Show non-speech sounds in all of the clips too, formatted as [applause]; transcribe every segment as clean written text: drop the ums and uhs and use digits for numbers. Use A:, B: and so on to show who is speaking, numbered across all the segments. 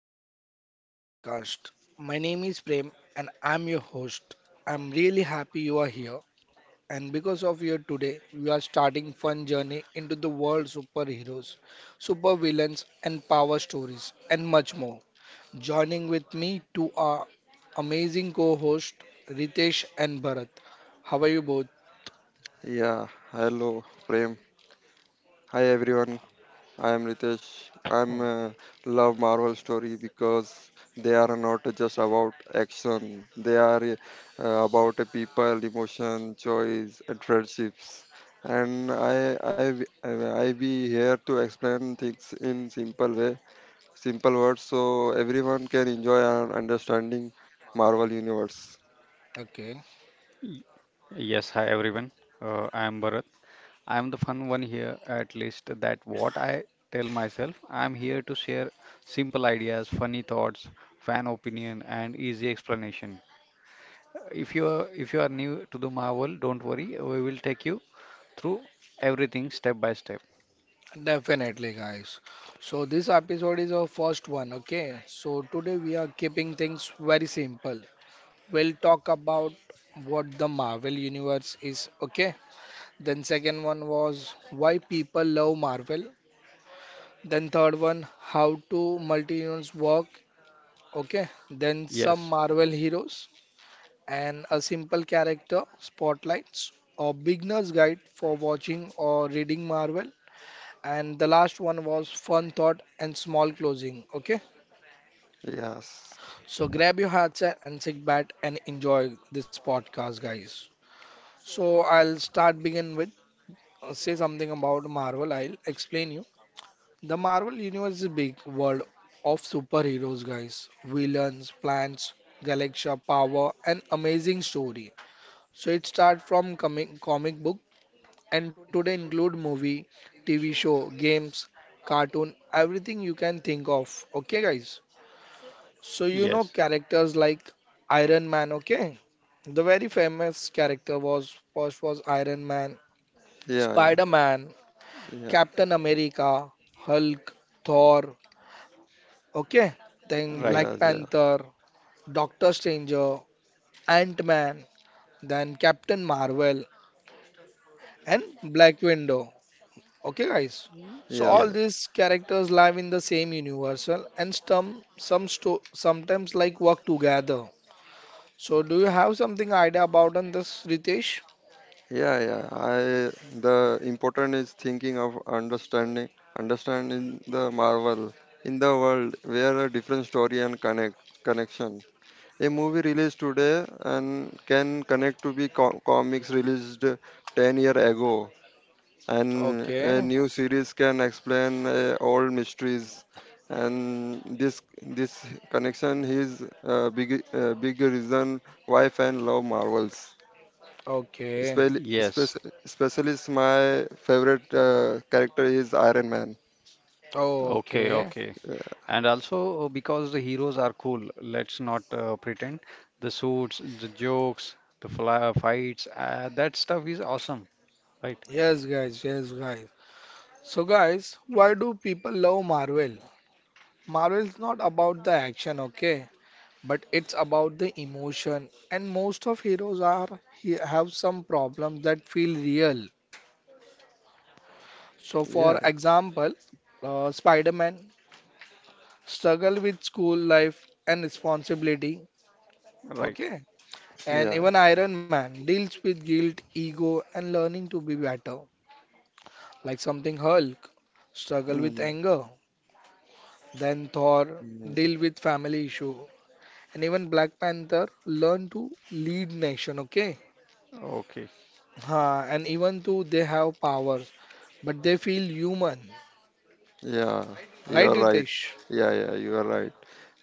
A: Marvel Universe podcast. My name is Prem, and I'm your host. I'm really happy you are here, and because of you today, we are starting fun journey into the world superheroes, supervillains, and power stories, and much more. Joining with me to our amazing co-host Ritesh and Bharat. How are you both?
B: Yeah, hello Prem. Hi everyone. I am Ritesh.
A: Oh,
B: I'm love Marvel story because they are not just about action. They are about a people, emotion, choice, and friendships. And I be here to explain things in simple way, simple words, so everyone can enjoy and understanding Marvel universe.
A: okay.
C: Y- Yes, hi everyone. I am Bharat. I am the fun one here, at least that what I tell myself. I am here to share simple ideas, funny thoughts, fan opinion, and easy explanation. If you are new to the Marvel, don't worry. We will take you through everything step by step.
A: Definitely, guys. So this episode is our first one, okay? So today we are keeping things very simple. We'll talk about what the Marvel universe is, okay? Then second one was why people love Marvel. Then third one, how to multi-universe work, okay? Then some
C: Yes,
A: Marvel heroes and a simple character spotlights or beginner's guide for watching or reading Marvel. And the last one was fun thought and small closing. Okay.
B: Yes.
A: So grab your headset and sit back and enjoy this podcast, guys. So I'll start begin with say something about Marvel. I'll explain you. The Marvel universe is a big world of superheroes, guys. Villains, plants, Galaxia power, and amazing story. So it starts from comic book and today include movie, TV show, games, cartoon, everything you can think of. Okay, guys. So you know
C: yes,
A: characters like Iron Man, okay? The very famous character was first was Iron Man,
B: Yeah.
A: Spider-Man,
B: Yeah. Yeah.
A: Captain America, Hulk, Thor, okay? Then
C: right.
B: Yes.
A: Black
B: Yeah.
A: Panther, Doctor Stranger, Ant-Man, then Captain Marvel and Black Widow. Okay, guys? So
B: Yes,
A: all these
C: Yes,
A: characters live in the same universal and sometimes like work together. So, do you have something idea about on this, Ritesh?
B: yeah, yeah. I the important is thinking of understanding, understanding the marvel in the world where a different story and connect connection. A movie released today and can connect to be comics released 10 year ago, and a
A: Okay,
B: new series can explain old mysteries. And this connection is a big big reason why fans love Marvels.
A: okay.
B: Especially,
C: yes.
B: especially, especially is my favorite character is Iron Man.
A: Oh,
C: Okay,
A: okay.
C: okay.
B: Uh,
C: And also because the heroes are cool, let's not pretend. The suits, the jokes, the fly fights, that stuff is awesome, right?
A: Yes, guys. Yes, guys. So, guys, why do people love Marvel? Marvel is not about the action, okay, but it's about the emotion. And most of heroes are he have some problems that feel real. So, for
B: yeah,
A: example, Spider-Man struggle with school life and responsibility,
C: Right.
A: okay. And
B: yeah,
A: even Iron Man deals with guilt, ego, and learning to be better. Like something Hulk, struggle with
B: mm,
A: anger. Then Thor,
B: mm,
A: deal with family issue. And even Black Panther, learn to lead nation, okay?
C: Okay.
A: Ha, and even though they have powers, but they feel human.
B: yeah.
A: Right,
B: You're
A: Ritesh?
B: right. Yeah, yeah, you are right.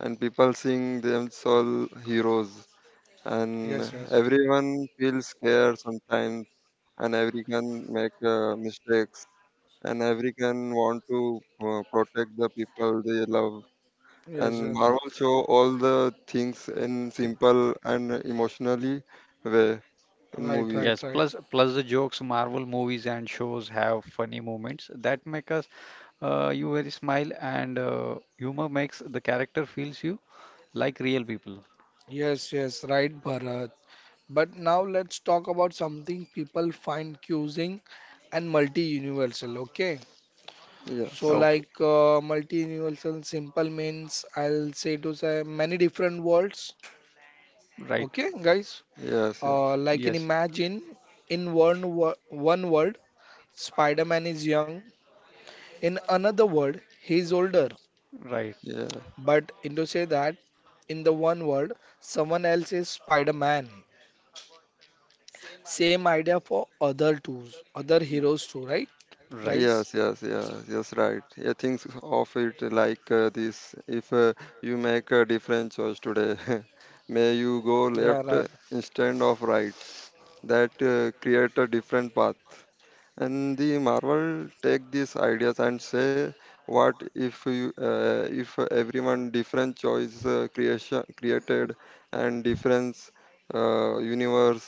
B: And people seeing them all heroes, and
A: Yes, yes.
B: everyone feels scared sometimes, and everyone make mistakes, and everyone want to protect the people they love
A: Yes,
B: and
A: yes.
B: Marvel show all the things in simple and emotionally way in
A: Right,
B: movies.
A: right,
C: Yes.
A: right.
C: Plus the jokes, Marvel movies and shows have funny moments that make us you very smile, and humor makes the character feels you like real people.
A: Yes, yes, right, Bharat. But now let's talk about something people find confusing and multi-universal, okay?
B: Yeah,
A: So
C: Okay.
A: like multiversal simple means I'll say to say many different words.
C: Right.
A: Okay, guys.
B: yes, yeah,
A: Like in
C: Yes.
A: imagine in one world Spider-Man is young. In another world he is older.
C: Right.
B: yeah,
A: But in to say that in the one world someone else is Spider-Man. Same idea for other tools, other heroes too, right, guys?
C: Right.
B: yes, yes, yes, yes, right. Yeah, things of it like this. If you make a different choice today, [laughs] may you go
A: Yeah, right.
B: left instead of right. That create a different path. And the marvel take these ideas and say what if you if everyone different choice creation created and different universe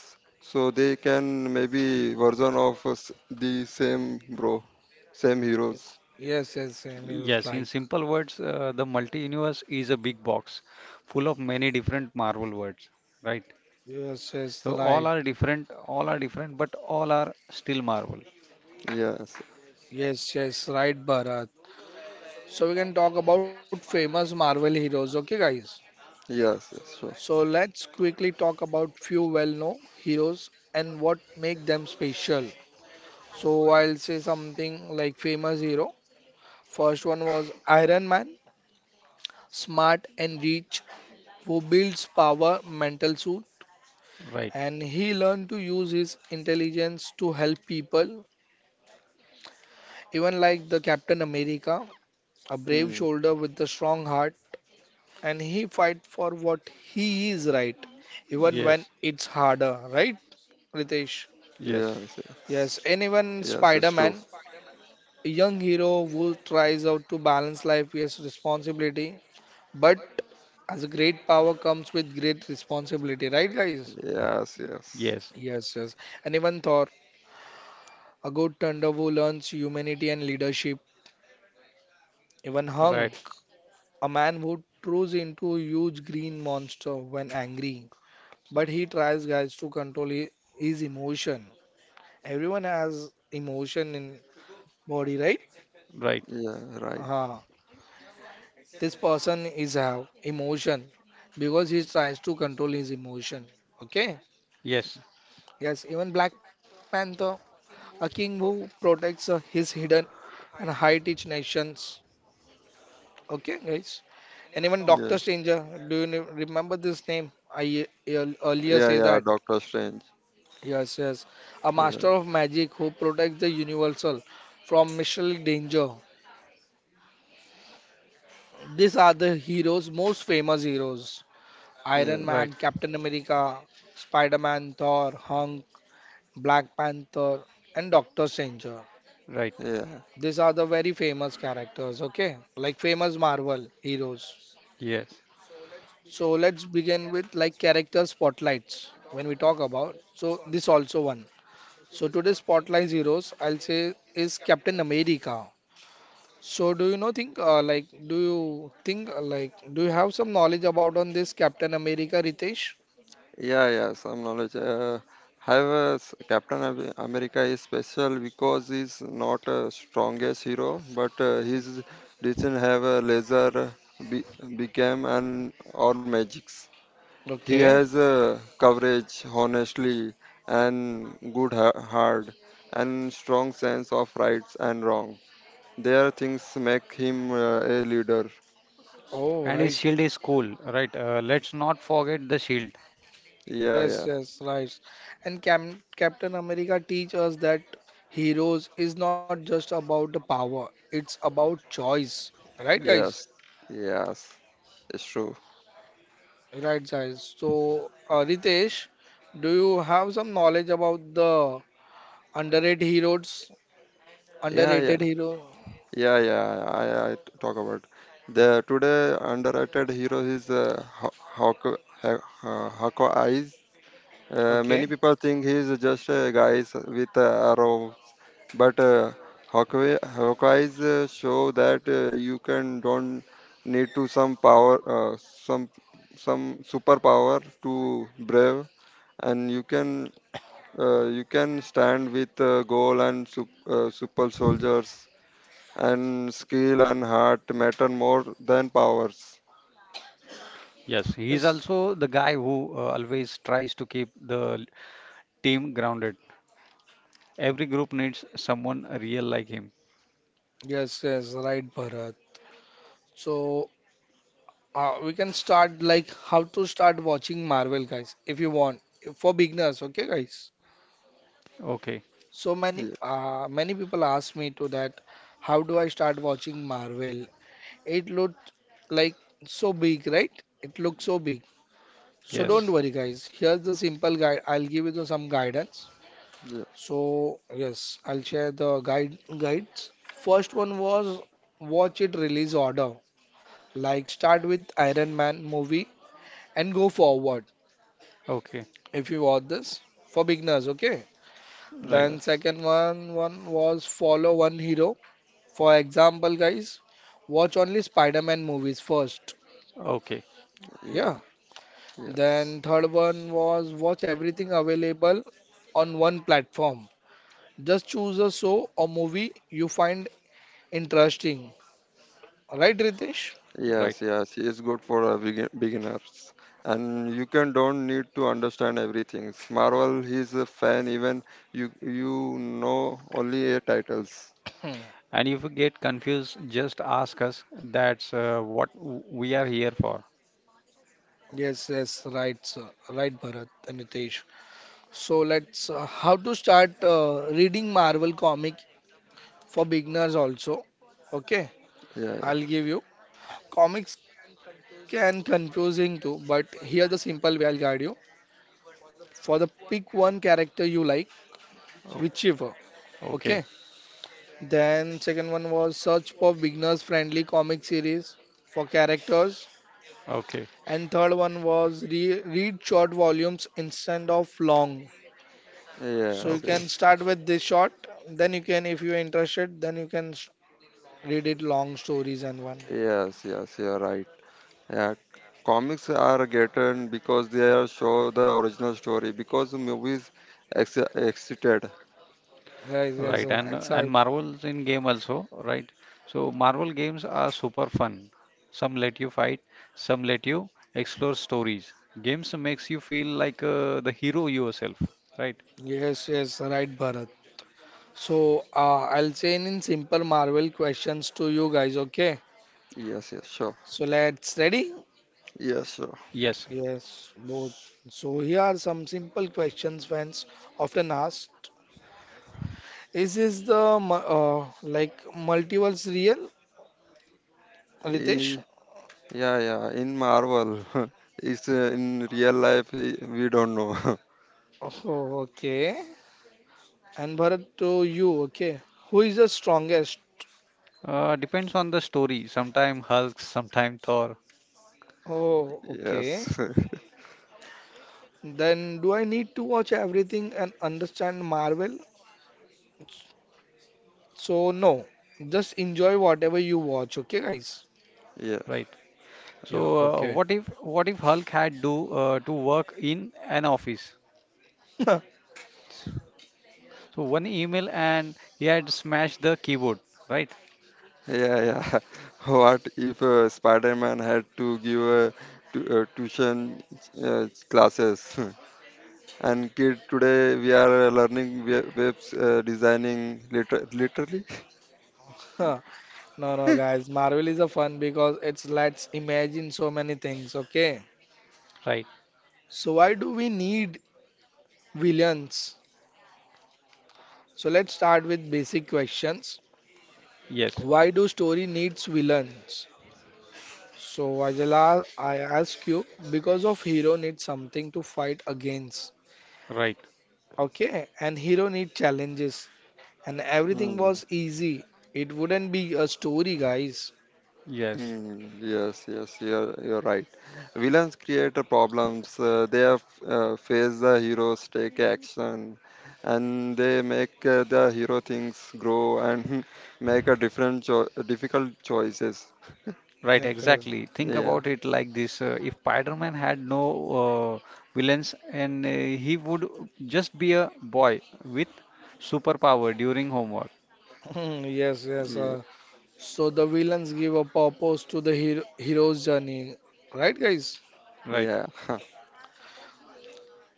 B: so they can maybe version of the same bro same heroes.
A: Yes, yes, same heroes
C: Yes, in
A: like
C: simple words, the multi-universe is a big box full of many different Marvel words, right?
A: yes, yes,
C: So
A: right.
C: all are different, but all are still Marvel,
B: Yes,
A: Yes, yes, right, Bara. So we can talk about famous Marvel heroes, okay guys?
B: yes, yes,
A: So
B: sure.
A: let's quickly talk about few well-known heroes and what make them special. So I'll say something like famous hero. First one was Iron Man, smart and rich, who builds power mental suit
C: right?
A: and he learned to use his intelligence to help people, even like the Captain America, a brave
B: Hmm.
A: shoulder with a strong heart and he fight for what he is right even when
C: Yes,
A: it's harder, right,
C: yes,
A: Ritesh?
B: Yes, yes,
A: Yes,
B: yes, it's
A: anyone
B: true.
A: Spider-Man, a young hero who tries out to balance life with responsibility but as a great power comes with great responsibility, right, guys?
B: Yes, yes,
C: yes,
A: Yes, yes. And even Thor, a good thunder who learns humanity and leadership. Even hung,
C: right,
A: a man who turns into a huge green monster when angry, but he tries guys to control his emotion. Everyone has emotion in body, right?
C: right,
B: yeah, right,
A: uh, this person is have emotion because he tries to control his emotion, okay?
C: yes,
A: Yes, even Black Panther, a king who protects his hidden and hide each nations, okay guys? And even
B: yeah.
A: Doctor Stranger, do you remember this name I earlier
B: Yeah,
A: say
B: yeah,
A: that?
B: Doctor Strange.
A: Yes, yes. A
B: Yeah,
A: master of magic who protects the universal from mystical danger. These are the heroes, most famous heroes:
B: yeah,
A: Iron Man,
C: right,
A: Captain America, Spider Man, Thor, Hulk, Black Panther, and Doctor Stranger.
C: right,
B: yeah,
A: These are the very famous characters, okay? Like famous Marvel heroes.
C: yes.
A: So let's begin with like character spotlights when we talk about. So this also one. So today's spotlight heroes I'll say is Captain America. So do you know think like do you have some knowledge about on this Captain America, Ritesh?
B: yeah, yeah. Some knowledge. However, Captain America is special because he's not a strongest hero, but his doesn't have a laser became and or magics. He
A: Okay.
B: has coverage, honestly, and good heart, and strong sense of rights and wrong. There things make him a leader.
A: Oh,
C: And his
A: right.
C: shield is cool, right? Let's not forget the shield.
B: Yeah, yeah,
A: Yes, yes, right. And Cam Captain America teach us that heroes is not just about the power, it's about choice. Right, guys?
B: yes, yes, it's true.
A: Right, guys. So, Ritesh, do you have some knowledge about the underrated heroes?
B: Yeah, yeah,
A: Underrated hero?
B: yeah, I talk about the today underrated hero is Hawk Hawk Eyes. Many
A: Okay.
B: people think he's just a guy with a arrow, but Hawkeye's show that you can don't need to some power, some superpower to brave, and you can stand with goal and super soldiers, and skill and heart matter more than powers.
C: Yes, he is
A: Yes.
C: also the guy who always tries to keep the team grounded. Every group needs someone real like him.
A: Yes, yes, right, Bharat. So, we can start like how to start watching Marvel, guys, if you want. For beginners, okay, guys?
C: Okay.
A: So many
B: Yeah,
A: many people ask me to that, how do I start watching Marvel? It looked like so big, right? It looks so big. So
C: Yes.
A: don't worry, guys. Here's the simple guide. I'll give you the, some guidance.
B: yeah,
A: So yes, I'll share the guides. First one was watch it release order. Like start with Iron Man movie and go forward.
C: Okay.
A: If you watch this for beginners, okay?
C: Right.
A: Then
B: yes,
A: second one was follow one hero. For example, guys, watch only Spider-Man movies first.
C: Okay.
B: yeah,
A: Yeah. Then third one was watch everything available on one platform. Just choose a show or movie you find interesting. Right, Ritesh?
C: Right.
B: yes, yes, yes. It's good for beginners, and you can don't need to understand everything. Marvel, he's a fan. Even you, you know only a titles.
A: Hmm.
C: And if you get confused, just ask us. That's what we are here for.
A: Yes, yes, right, sir. Right, Bharat and Ritesh. So let's how to start reading Marvel comic for beginners also. Okay,
B: Yeah, yeah,
A: I'll give you. Comics can confusing too, but here the simple way I'll guide you. For the pick one character you like,
C: O-
A: whichever. Okay.
C: Okay.
A: Then second one was search for beginners friendly comic series for characters.
C: Okay.
A: And third one was read short volumes instead of long. So you
B: yes,
C: Okay.
A: can
B: yes,
A: start with this short. Then you can, if you're interested, then you can read it long stories and one.
B: yes, yes. You're right. Yeah, comics are getting because they are show the original story because the movies exited.
A: Yes, yes,
C: Right. And
A: excite.
C: and Marvel's in game also, right? So Marvel games are super fun. Some let you fight, some let you explore stories. Games makes you feel like the hero yourself, right?
A: Yes, yes, right, Bharat. So I'll say in simple Marvel questions to you guys. Okay.
B: Yes, yes, sure.
A: So let's ready.
B: Yes, sure.
C: Yes.
A: Yes, both. So here are some simple questions fans often asked. Is this the like multiverse real, Ritesh?
B: E- yeah, yeah. In Marvel, [laughs] it's in real life we don't know. [laughs]
A: Oh, okay. And Bharat to you, okay. Who is the strongest?
C: Depends on the story. Sometime Hulk, sometime Thor,
A: Oh, okay.
B: Yes. [laughs]
A: Then do I need to watch everything and understand Marvel? So no, just enjoy whatever you watch, okay, guys?
B: Yeah,
C: right? So,
A: Yeah, okay.
C: what if Hulk had do to work in an office? So one email and he had smashed the keyboard, right?
B: yeah, yeah. [laughs] What if Spider-Man had to give tuition classes? [laughs] And kid today we are learning we webs designing literally.
A: [laughs] No, no, guys. Marvel is a fun because it's lets imagine so many things. Okay.
C: Right.
A: So why do we need villains? So let's start with basic questions.
C: Yes.
A: Why do story needs villains? So Ajala, I ask you because of hero needs something to fight against.
C: Right.
A: Okay, and hero need challenges. And everything
B: Mm,
A: was easy. It wouldn't be a story, guys.
C: Yes,
B: hmm, yes, yes, you're right. Villains create the problems. They have, face the heroes, take action, and they make the hero things grow and [laughs] make a different cho difficult choices.
C: right,
A: Yes, yes.
C: exactly. Think
B: Yeah,
C: about it like this. If Spider-Man had no villains and he would just be a boy with superpower during homework.
A: [laughs] Yes, yes.
B: yeah,
A: So the villains give a purpose to the hero, hero's journey, right, guys?
C: Right.
B: yeah, [laughs]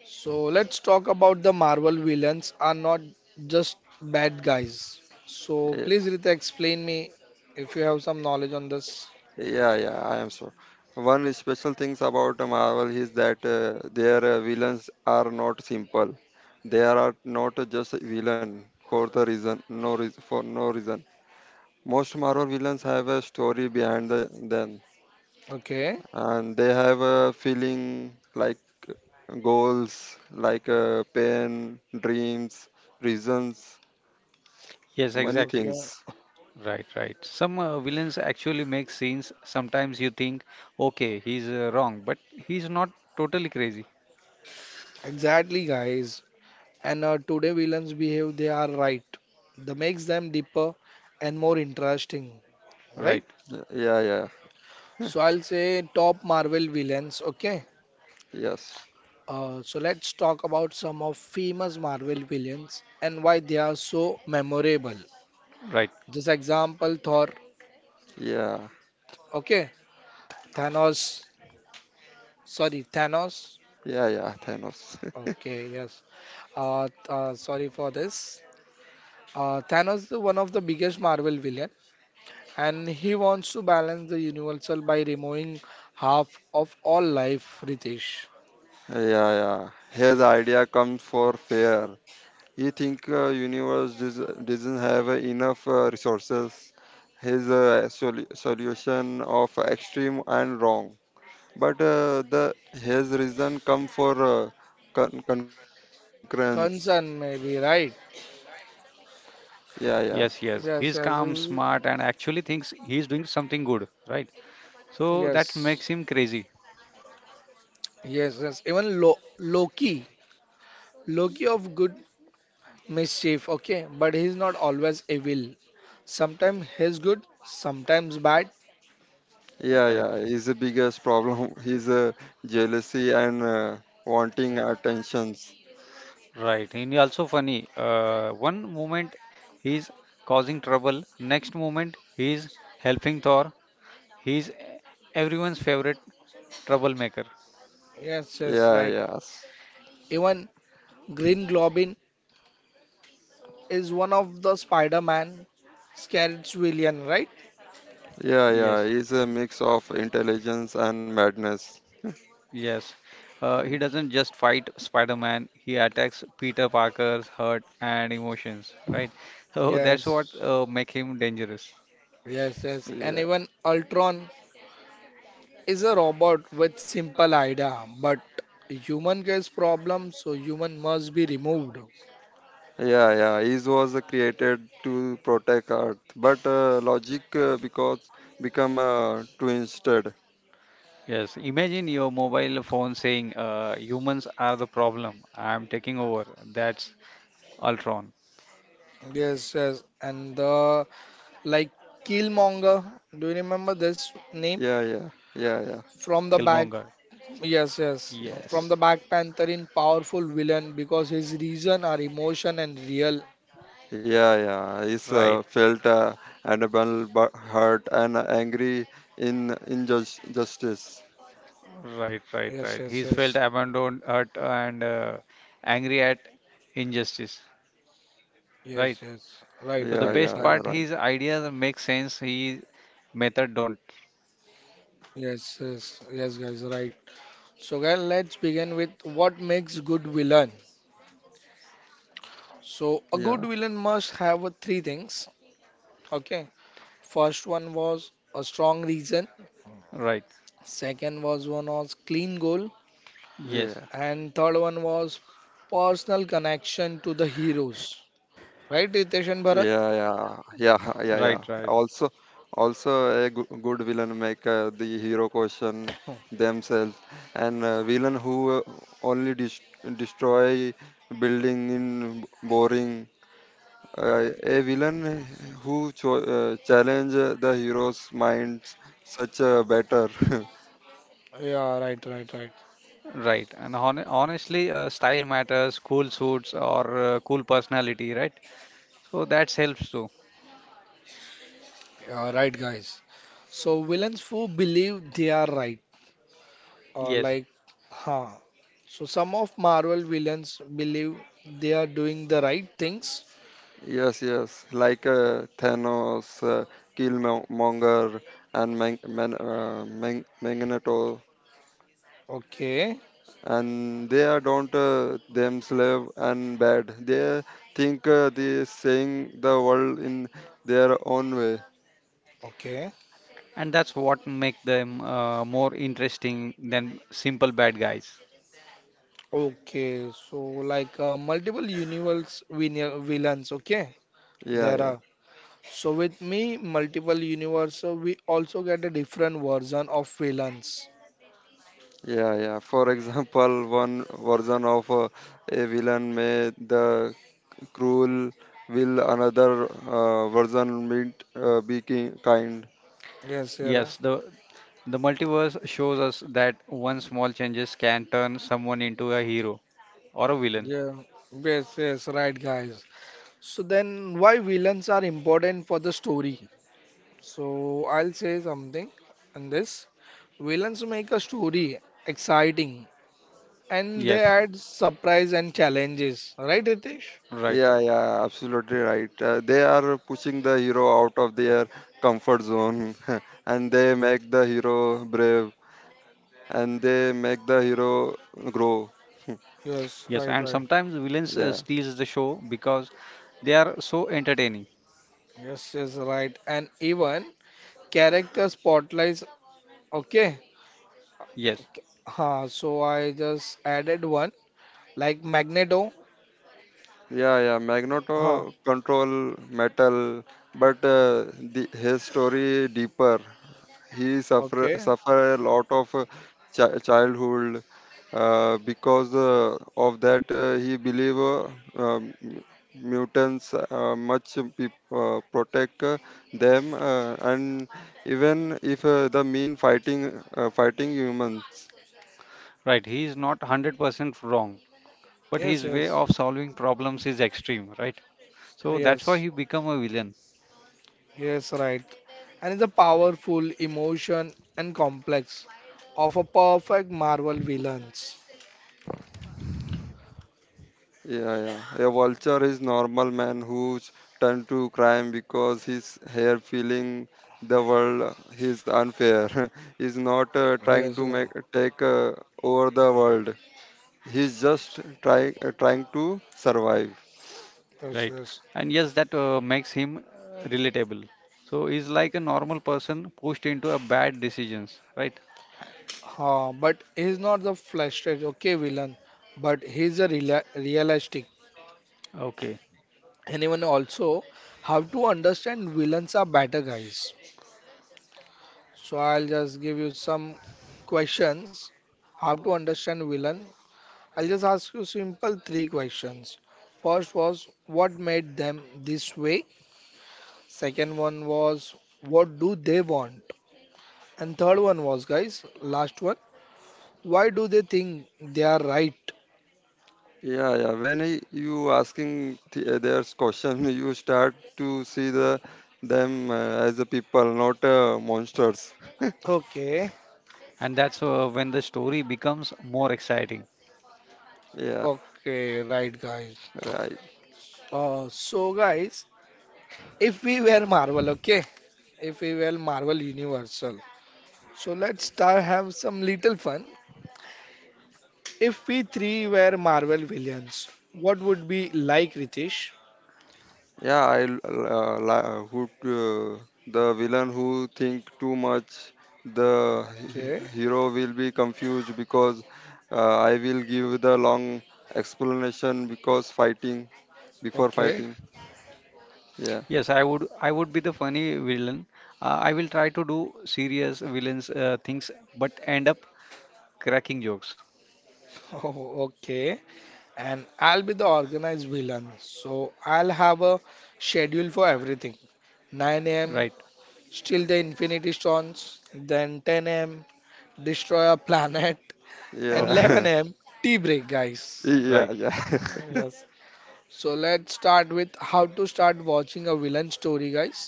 A: So let's talk about the Marvel villains are not just bad guys. So
B: yeah,
A: please, Rita, explain me if you have some knowledge on this.
B: yeah, yeah. I am sure. One special things about the Marvel is that their villains are not simple. They are not just villain for the reason, no reason, for no reason. Most Marvel villains have a story behind the, them,
A: Okay,
B: and they have a feeling like goals, like pain, dreams, reasons,
C: Yes,
B: many
C: exactly.
A: okay,
B: things.
C: Right, right. Some villains actually make scenes. Sometimes you think, okay, he's wrong, but he's not totally crazy.
A: exactly, guys. And today villains behave they are right. That makes them deeper and more interesting, right?
C: Right,
B: Yeah, yeah,
A: So I'll say top Marvel villains. Okay,
B: yes,
A: So let's talk about some of famous Marvel villains and why they are so memorable.
C: right.
A: Just example Thor,
B: yeah,
A: okay, Thanos, sorry, Thanos.
B: yeah, yeah. Thanos. [laughs]
A: Okay, yes. Sorry for this. Thanos is one of the biggest Marvel villain, and he wants to balance the universal by removing half of all life. Ritesh,
B: Yeah, yeah. His idea comes for fair. He think doesn't have enough resources. His solution of extreme and wrong. But the his reason come for concurrence.
A: concern maybe right?
B: Yeah,
C: Yes,
B: yeah,
C: yes. He's calm,
A: Yes, yes,
C: smart, and
A: yes,
C: actually thinks he's doing something good. Right. So that makes him
A: yes,
C: crazy.
A: yes. Yes. Even Lo Loki. Loki of good mischief, okay, but he's not always evil. Sometimes he's good, sometimes bad.
B: yeah,
C: Right,
B: yeah. His biggest problem [laughs] is jealousy and wanting attentions.
C: right. And he also funny. One moment he's causing trouble. Next moment he's helping Thor. He's everyone's favorite troublemaker.
A: Yes, yes,
B: Yeah,
A: right.
B: yes,
A: Even Green Globin is one of the Spider-Man scared villain, right?
B: yeah, yeah.
C: Yes.
B: He's a mix of intelligence and madness.
C: Yes, he doesn't just fight Spider-Man, he attacks Peter Parker's hurt and emotions, right? So that's what
A: Yes,
C: make him dangerous.
A: yes, yes. And
B: Yeah,
A: even Ultron is a robot with simple idea, but human case problem, so human must be removed.
B: yeah, yeah. It was created to protect Earth, but logic because become twisted.
C: Yes, imagine your mobile phone saying, humans are the problem. I'm taking over. That's Ultron,
A: Yes, yes. And the like Killmonger, do you remember this name?
B: Yeah, yeah, yeah, yeah.
A: From the back,
C: Killmonger.
A: yes, yes. From the
C: Yes,
A: back, Panther in powerful villain because his reason are emotion and real.
B: Yeah, yeah. It's
C: right,
B: uh, felt uh, unable, but hurt and angry in injustice.
C: right,
A: Yes,
C: right,
A: yes,
C: right.
A: yes,
C: He's felt abandoned, hurt, and angry at injustice, right?
A: yes, yes. Right,
C: So the
B: Yeah,
A: right,
B: yeah,
C: best
A: right.
B: yeah,
C: part,
B: right.
C: his ideas make sense, his method don't.
A: Yes, yes, yes, guys, right. So, guys, let's begin with what makes good villain. So, a good
B: Yeah,
A: villain must have three things. Okay. First one was a strong reason.
C: Right.
A: Second was one was clean goal,
C: Yes.
B: yeah,
A: and third one was personal connection to the heroes. Right, Ritesh
B: yeah,
A: and Bharat?
B: yeah, yeah, [laughs] yeah,
C: Right.
B: yeah.
C: Right.
B: Also, also a good villain make the hero question
A: Oh,
B: themselves, and villain who only destroy building in boring a villain who challenge the hero's minds such a better. [laughs]
A: yeah, right, right, right.
C: Right. And honestly, style matters. Cool suits or cool personality, right? So that helps too.
A: Yeah, right, guys. So villains who believe they are right, or
C: Yes.
A: like, huh. So some of Marvel villains believe they are doing the right things.
B: Yes, yes, like Thanos, Killmonger and Magneto,
A: Okay,
B: and they are don't them slave and bad. They think they saying the world in their own way.
A: okay,
C: And that's what make them more interesting than simple bad guys.
A: okay. So like villains. Okay,
B: Yeah,
A: there
B: yeah,
A: are. So with me, multiple universe, so we also get a different version of villains.
B: yeah, yeah. For example, one version of a villain may the cruel? Will another version meant be kind?
A: Yes, yeah,
C: Yes. The multiverse shows us that one small changes can turn someone into a hero or a villain.
A: yeah. Yes, yes, right, guys. So then, why villains are important for the story? So I'll say something on this. Villains make a story exciting and they
C: Yes.
A: add surprise and challenges. Right, Ritesh?
C: Right.
B: Yeah,
C: Right.
B: yeah, absolutely right. They are pushing the hero out of their comfort zone [laughs] and they make the hero brave and they make the hero grow. [laughs]
C: Yes.
A: Yes,
C: And
A: right, right.
C: sometimes villains
B: Yeah,
C: steals the show because they are so entertaining.
A: Yes, yes, right. And even character spotlights. Okay.
C: Yes.
A: So I just added one like Magneto.
B: yeah, yeah.
A: Huh,
B: Magneto control metal, but the his story deeper. He suffer
A: okay.
B: suffer a lot of childhood because of that he believe um, mutants much peop protect them and even if the mean fighting humans.
C: Right, he is not 100% wrong, but
A: Yes,
C: his way
A: yes,
C: of solving problems is extreme, right? So that's why
A: yes.
C: he become a villain,
A: Yes, right. And it's a powerful emotion and complex of a perfect Marvel villains.
B: Yeah, yeah. A vulture is normal man who's turned to crime because his hair feeling the world is unfair. [laughs] He's not trying
A: Yes,
B: to
A: yeah,
B: make take over the world. He's just trying to survive.
A: yes,
C: right?
A: yes.
C: And yes, that makes him relatable. So he's like a normal person pushed into a bad decisions, right?
A: But he's not the flesh okay villain, but he's a realistic.
C: Okay.
A: Anyone also have to understand villains are better guys. So I'll just give you some questions. How to understand villain? I'll just ask you simple three questions. First was, what made them this way? Second one was, what do they want? And third one was, guys, last one, why do they think they are right?
B: Yeah, yeah. When I, you asking their question, [laughs] you start to see the them as a people, not monsters. [laughs]
A: Okay,
C: And that's when the story becomes more exciting.
B: Yeah,
A: okay, right guys.
B: right.
A: So guys, if we were Marvel, okay, if we were Marvel Universal. So let's start have some little fun. If we three were Marvel villains, what would be like Ritesh?
B: Yeah, I who the villain who think too much, the
A: Okay,
B: hero will be confused because I will give the long explanation because fighting before
A: okay,
B: fighting. Yeah,
C: Yes, I would be the funny villain. I will try to do serious villains things, but end up cracking jokes,
A: [laughs] oh, okay. And I'll be the organized villain. So I'll have a schedule for everything. 9 a.m.
C: right?
A: steal the Infinity Stones, then 10 a.m. destroy a planet, [laughs] and
C: Okay,
B: yeah,
A: 11 a.m. tea break, guys.
B: [laughs] yeah,
C: right. [laughs]
A: [laughs]
B: yeah,
A: Yes. So let's start with how to start watching a villain story, guys.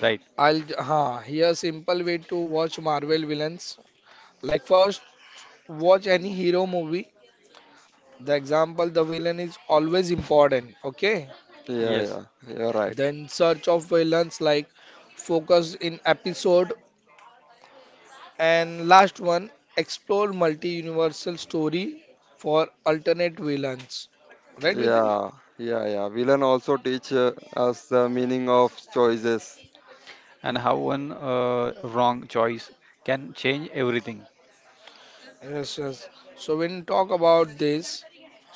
C: Right.
A: I'll here simple way to watch Marvel villains. Like first, watch any hero movie. The example, the villain is always important. Okay,
B: [laughs] yeah,
C: Yes.
B: yeah. You're right.
A: then search of villains like focus in episode and last one explore multi-universal story for alternate villains, right Vitesh?
B: Yeah, yeah, yeah. Villain also teach us the meaning of choices.
C: And how one wrong choice can change everything.
A: Yes, yes, so when talk about this,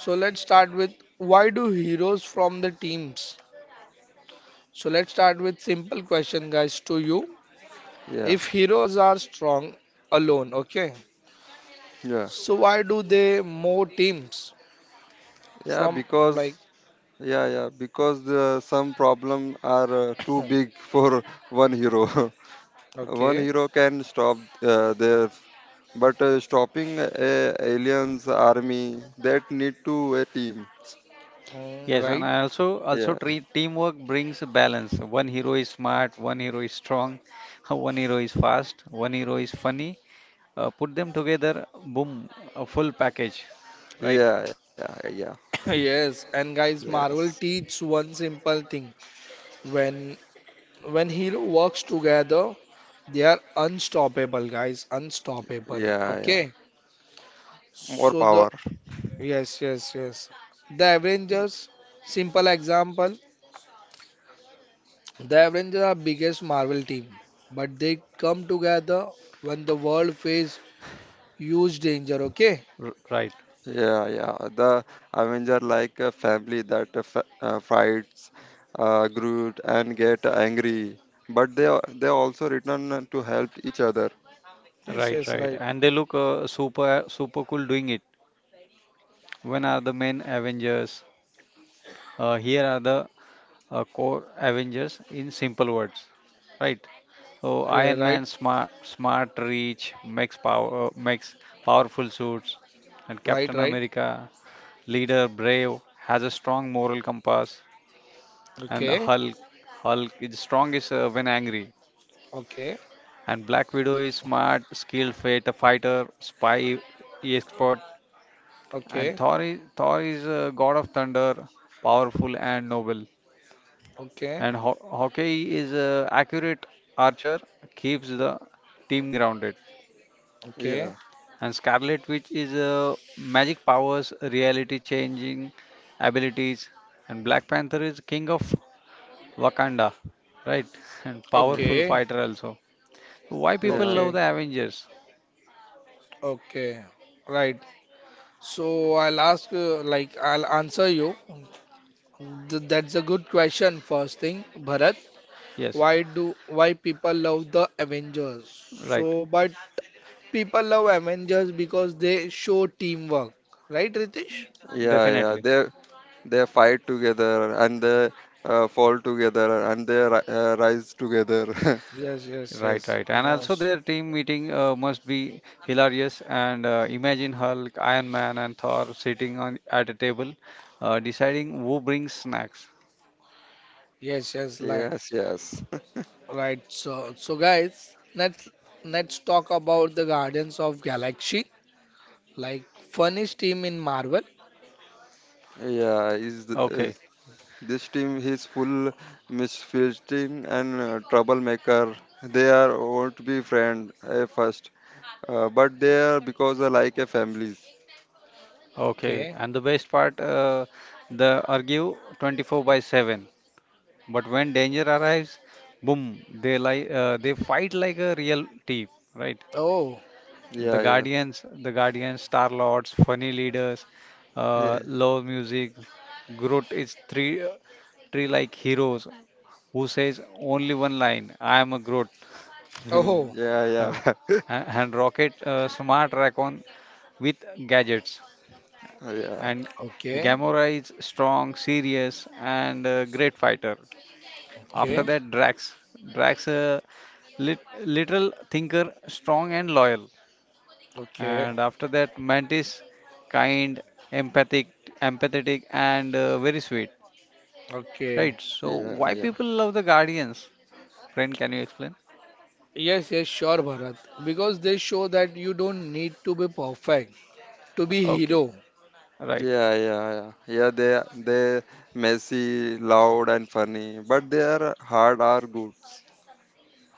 A: so let's start with why do heroes from the teams, so let's start with simple question guys to you,
B: Yeah,
A: if heroes are strong alone, okay,
B: yeah,
A: so why do they more teams
B: yeah.
A: from
B: Because
A: like
B: yeah, yeah, because some problem are too big
A: [coughs] [clears throat]
B: for [laughs] one hero. [laughs] One
A: okay,
B: hero can stop there, but stopping a aliens army that need to a team.
C: Yes, and
A: right.
C: I also
B: Yeah,
C: treat teamwork brings a balance. One hero is smart, one hero is strong, [laughs] one hero is fast, one hero is funny. Put them together, boom, a full package. Right,
B: yeah, yeah, yeah.
A: Yes, and guys,
B: Yes,
A: Marvel teaches one simple thing. When when hero works together, they are unstoppable, guys, unstoppable.
B: yeah, yeah.
A: Okay.
B: More
A: So the
B: power.
A: yes, yes, yes. The Avengers, simple example. The Avengers are biggest Marvel team, but they come together when the world face huge danger. Okay.
C: right,
B: Yeah, yeah. The Avenger like a family that fights, Groot, and get angry, but they also return to help each other.
A: Yes,
C: right,
A: yes,
C: right.
A: right.
C: And they look super cool doing it. When are the main Avengers? Here are the core Avengers in simple words, right? So
A: Eh,
C: Iron
A: right,
C: Man smart, reach, makes powerful suits, and
A: right,
C: Captain
A: right.
C: America, leader, brave, has a strong moral compass, and
A: Okay,
C: Hulk is strongest when angry,
A: okay,
C: and Black Widow is smart, skilled, fighter, spy, expert, and
A: okay,
C: Thor is a god of thunder, powerful and noble.
A: okay,
C: And ho hockey is a accurate archer, keeps the team grounded.
A: okay.
B: Yeah,
C: And Scarlet Witch is a magic powers, reality changing abilities. And Black Panther is king of Wakanda, right? [laughs] And
B: yeah.
C: powerful
A: Okay,
C: fighter also. Why people
B: Yeah,
C: love
A: okay,
C: the Avengers?
A: okay, right. So I'll ask, like, I'll answer you. That's a good question. First thing, Bharat,
C: Yes,
A: why people love the Avengers?
C: right,
A: So, but people love Avengers because they show teamwork, right, Ritesh?
B: yeah, yeah.
C: definitely.
B: They fight together and they fall together and they rise together. [laughs]
A: Yes, yes,
C: Right,
A: yes.
C: right. And also
A: Most.
C: their team meeting must be hilarious. And imagine Hulk, Iron Man, and Thor sitting on at a table, deciding who brings snacks.
A: Yes, yes, right.
B: Yes, yes.
A: Right. So guys, let's talk about the Guardians of Galaxy, like funniest team in Marvel.
B: Yeah,
C: Okay,
B: this team is full misfitting and troublemaker. They are won't be friend at first, but they are because they like a families.
C: okay.
A: Okay.
C: And the best part, they argue 24 by 7. But when danger arrives, boom, they fight like a real team, right?
A: Oh,
C: The
B: Yeah, yeah,
C: Guardians, the Guardians, Star Lords, funny leaders,
B: yeah,
C: love music. Groot is three like heroes who says only one line, "I am a Groot,"
B: [laughs]
A: oh,
B: yeah,
C: [laughs] and
B: yeah,
C: Rocket, smart raccoon with gadgets,
B: [laughs] yeah,
C: and
A: okay,
C: Gamora is strong, serious, and a great fighter. After
B: hmm,
A: okay,
C: that, Drax, literal thinker, strong and loyal.
A: okay,
C: And after that, Mantis, kind, empathic empathetic, and very sweet,
A: okay.
C: right? So why
B: yeah, yeah.
C: people love the Guardians, friend? Can you explain?
A: Yes, yes, sure, Bharat. Because they show that you don't need to be perfect to be
C: Okay.
A: hero.
C: Right,
B: Yeah, yeah, yeah. Yeah, they messy, loud, and funny, but they are hard are good.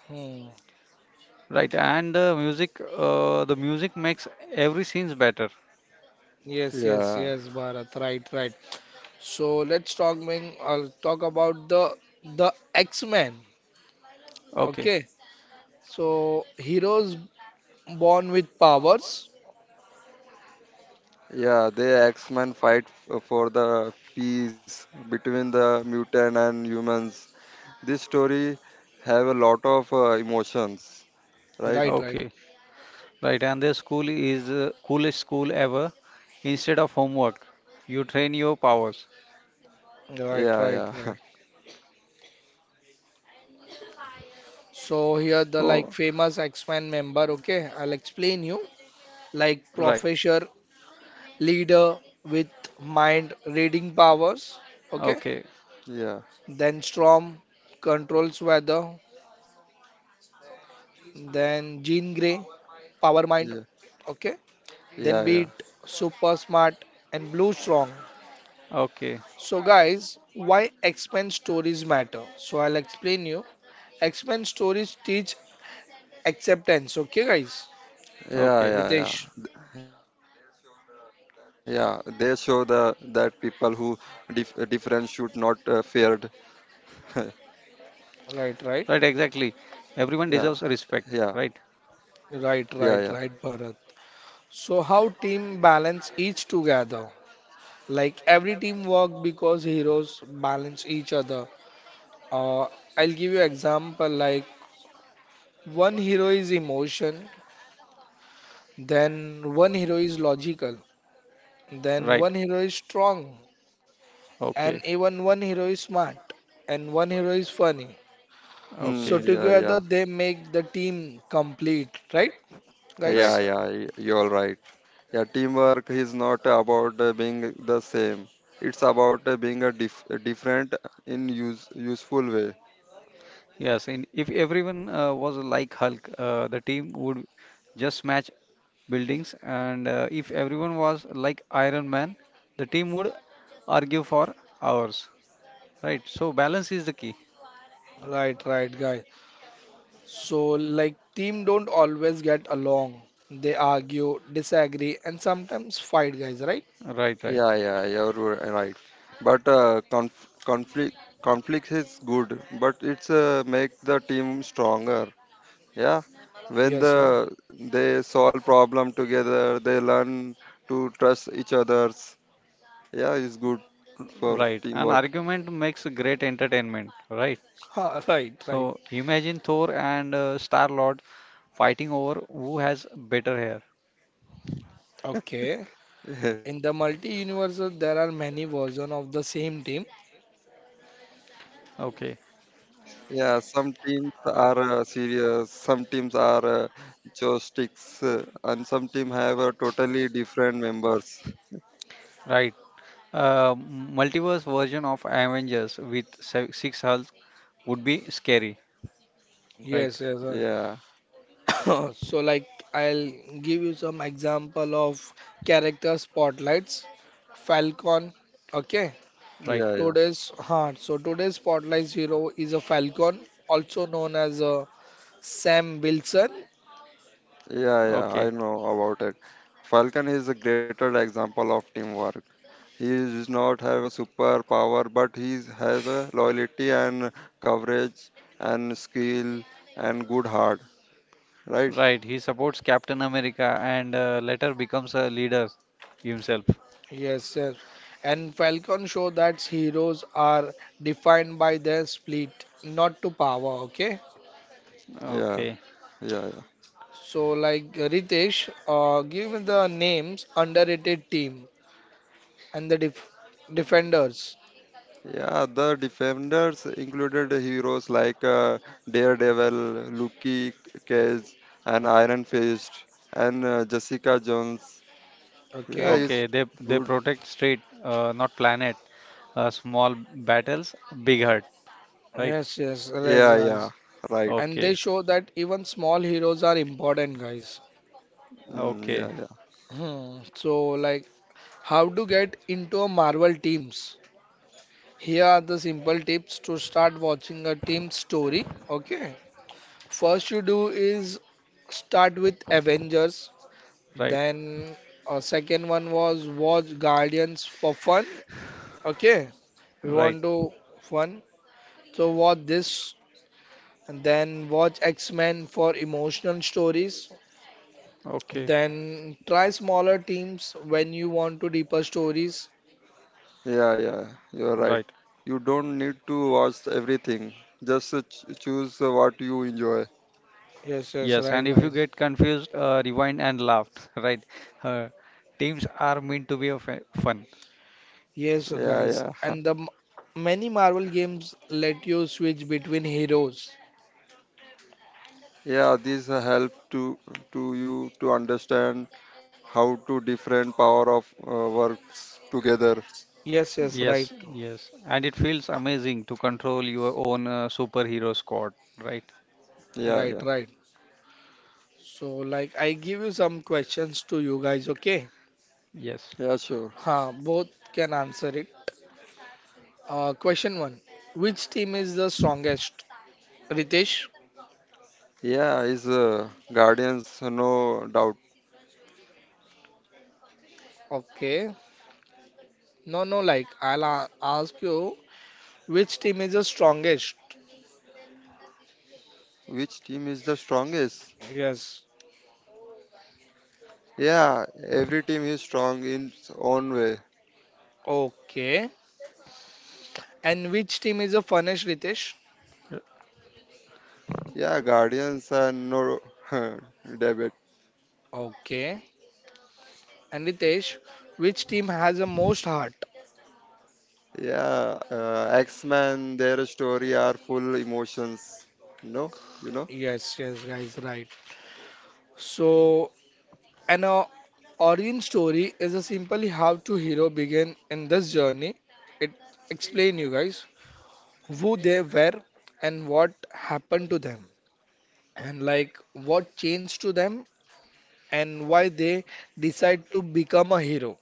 A: Hmm.
C: right. And music the music makes every scenes better.
A: Yes, yes,
B: Yeah,
A: yes, Bharat. Right, right. So let's talk Ming, I'll talk about the X-Men.
C: Okay.
A: Okay. So heroes born with powers.
B: yeah. They X-Men for the peace between the mutant and humans. This story have a lot of emotions, right?
A: Right,
C: Okay,
A: right.
C: right. And their school is coolest school ever. Instead of homework, you train your powers.
A: Right,
B: Yeah,
A: right, right.
B: yeah,
A: So here the
C: Oh,
A: like famous X-Men member, okay? I'll explain you. Like
C: right.
A: professor leader with mind reading powers, okay,
C: Okay,
B: [laughs] yeah,
A: then storm controls weather, then jean gray power mind,
B: yeah,
A: okay, then beat
B: yeah, yeah.
A: super smart and blue strong.
C: okay,
A: So guys, why x-men stories matter, so I'll explain you. X-men stories teach acceptance, okay guys,
B: Yeah,
C: okay.
B: yeah, yeah.
A: ritesh?
B: Yeah, they show the that people who different should not feared. [laughs]
C: Right, exactly.
A: Right, right,
C: Everyone deserves
B: Yeah.
C: respect, right?
B: Yeah, yeah,
A: right,
B: yeah.
A: right, right Bharat. So how team balance each together. Like every team work because heroes balance each other. Uh, I'll give you example like one hero is emotion, then one hero is logical, then
C: Right.
A: one hero is strong,
C: Okay,
A: and even one hero is smart, and one hero is funny.
C: okay,
A: So
B: Hmm, yeah,
A: together
B: yeah,
A: they make the team complete, right,
C: right,
B: yeah,
A: guys?
C: right.
B: yeah. You're right. Yeah, teamwork is not about being the same. It's about being a different in useful way.
C: Yes, and if everyone was like Hulk, the team would just smash buildings, and if everyone was like Iron Man, the team would argue for hours, right? So balance is the key,
A: Right, right, guys. So like team don't always get along. They argue, disagree, and sometimes fight, guys, right?
C: right, right,
B: Yeah, yeah, you're right. But conflict is good, but it's make the team stronger. Yeah, when
A: Yes,
B: the
A: sir.
B: they solve problem together, they learn to trust each others. Yeah, it's good for
C: right? An
B: teamwork.
C: argument makes great entertainment, right?
A: Ha, right, right.
C: So imagine Thor and Star Lord fighting over who has better hair,
A: Okay. In
B: [laughs]
A: the multi-universe, there are many versions of the same team.
C: okay,
B: Yeah, some teams are serious, some teams are joysticks, and some team have totally different members.
C: right? Uh, Multiverse version of Avengers with six Hulk would be scary, right?
A: Yes, yes.
B: Yeah,
A: [coughs] So, like, I'll give you some example of character spotlights. Falcon. Okay.
C: Right.
B: yeah, yeah,
A: Today's huh? So today's spotlight hero is a Falcon, also known as Sam Wilson.
B: yeah, yeah. I
C: Okay.
B: know about it. Falcon is a greater example of teamwork. He does not have a superpower, but he has a loyalty and coverage and skill and good heart. Right?
C: Right. He supports Captain America and later becomes a leader himself.
A: Yes, yes. And Falcon show that heroes are defined by their split, not to power. Okay.
B: Yeah,
C: Okay.
B: yeah, yeah.
A: So, like Ritesh, give me the names underrated team and the defenders.
B: Yeah, the Defenders included heroes like Daredevil, Luke Cage, and Iron Fist, and Jessica Jones. Yeah,
A: Okay.
B: it's
C: Okay. They
B: good.
C: protect street, not planet. Small battles, big hurt. Right.
A: Yes, yes, right,
B: Yeah,
A: Raj.
B: yeah, right.
A: And they
C: Okay.
A: show that even small heroes are important, guys.
B: Mm, yeah,
C: Okay.
B: yeah,
A: Hmm. So, like, how to get into a Marvel teams? Here are the simple tips to start watching a team story. Okay. First, you do is start with Avengers.
C: Right.
A: Then, a second one was watch Guardians for fun. Okay, we
C: Right.
A: want to one. So watch this, and then watch X-Men for emotional stories.
C: Okay.
A: Then try smaller teams when you want to deeper stories.
B: yeah, yeah. You're right.
C: Right.
B: You don't need to watch everything. Just choose what you enjoy.
A: Yes, yes,
C: Yes.
A: right,
C: And if you
A: guys.
C: get confused, rewind and laugh. [laughs] Right. Uh, Teams are meant to be of fun.
A: Yes,
B: Yeah,
A: guys.
B: yeah.
A: And the
B: [laughs]
A: many Marvel games let you switch between heroes.
B: Yeah, this help to you to understand how to different power of works together.
A: Yes, yes,
C: Yes,
A: right,
C: yes. And it feels amazing to control your own superhero squad, right?
B: Yeah,
A: right,
B: yeah,
A: right. So like I give you some questions to you guys. Okay,
C: Yes.
B: yeah, sure.
A: ha, both can answer it. Question one: Which team is the strongest? Ritesh,
B: Yeah, is Guardians no doubt.
A: okay. No, no, like I'll ask you, which team is the strongest?
B: Which team is the strongest?
A: Yes,
B: Yeah, every team is strong in its own way.
A: okay. And which team is the funnest, Ritesh?
C: Y-
B: Yeah, Guardians are no [laughs] debate.
A: Okay. And Ritesh, which team has the most heart?
B: Yeah, X-Men, their story are full emotions. No, you know.
A: Yes, yes, guys, right. So, an origin story is a simply how two hero begin in this journey. It explain you guys who they were and what happened to them and like what changed to them and why they decide to become a hero.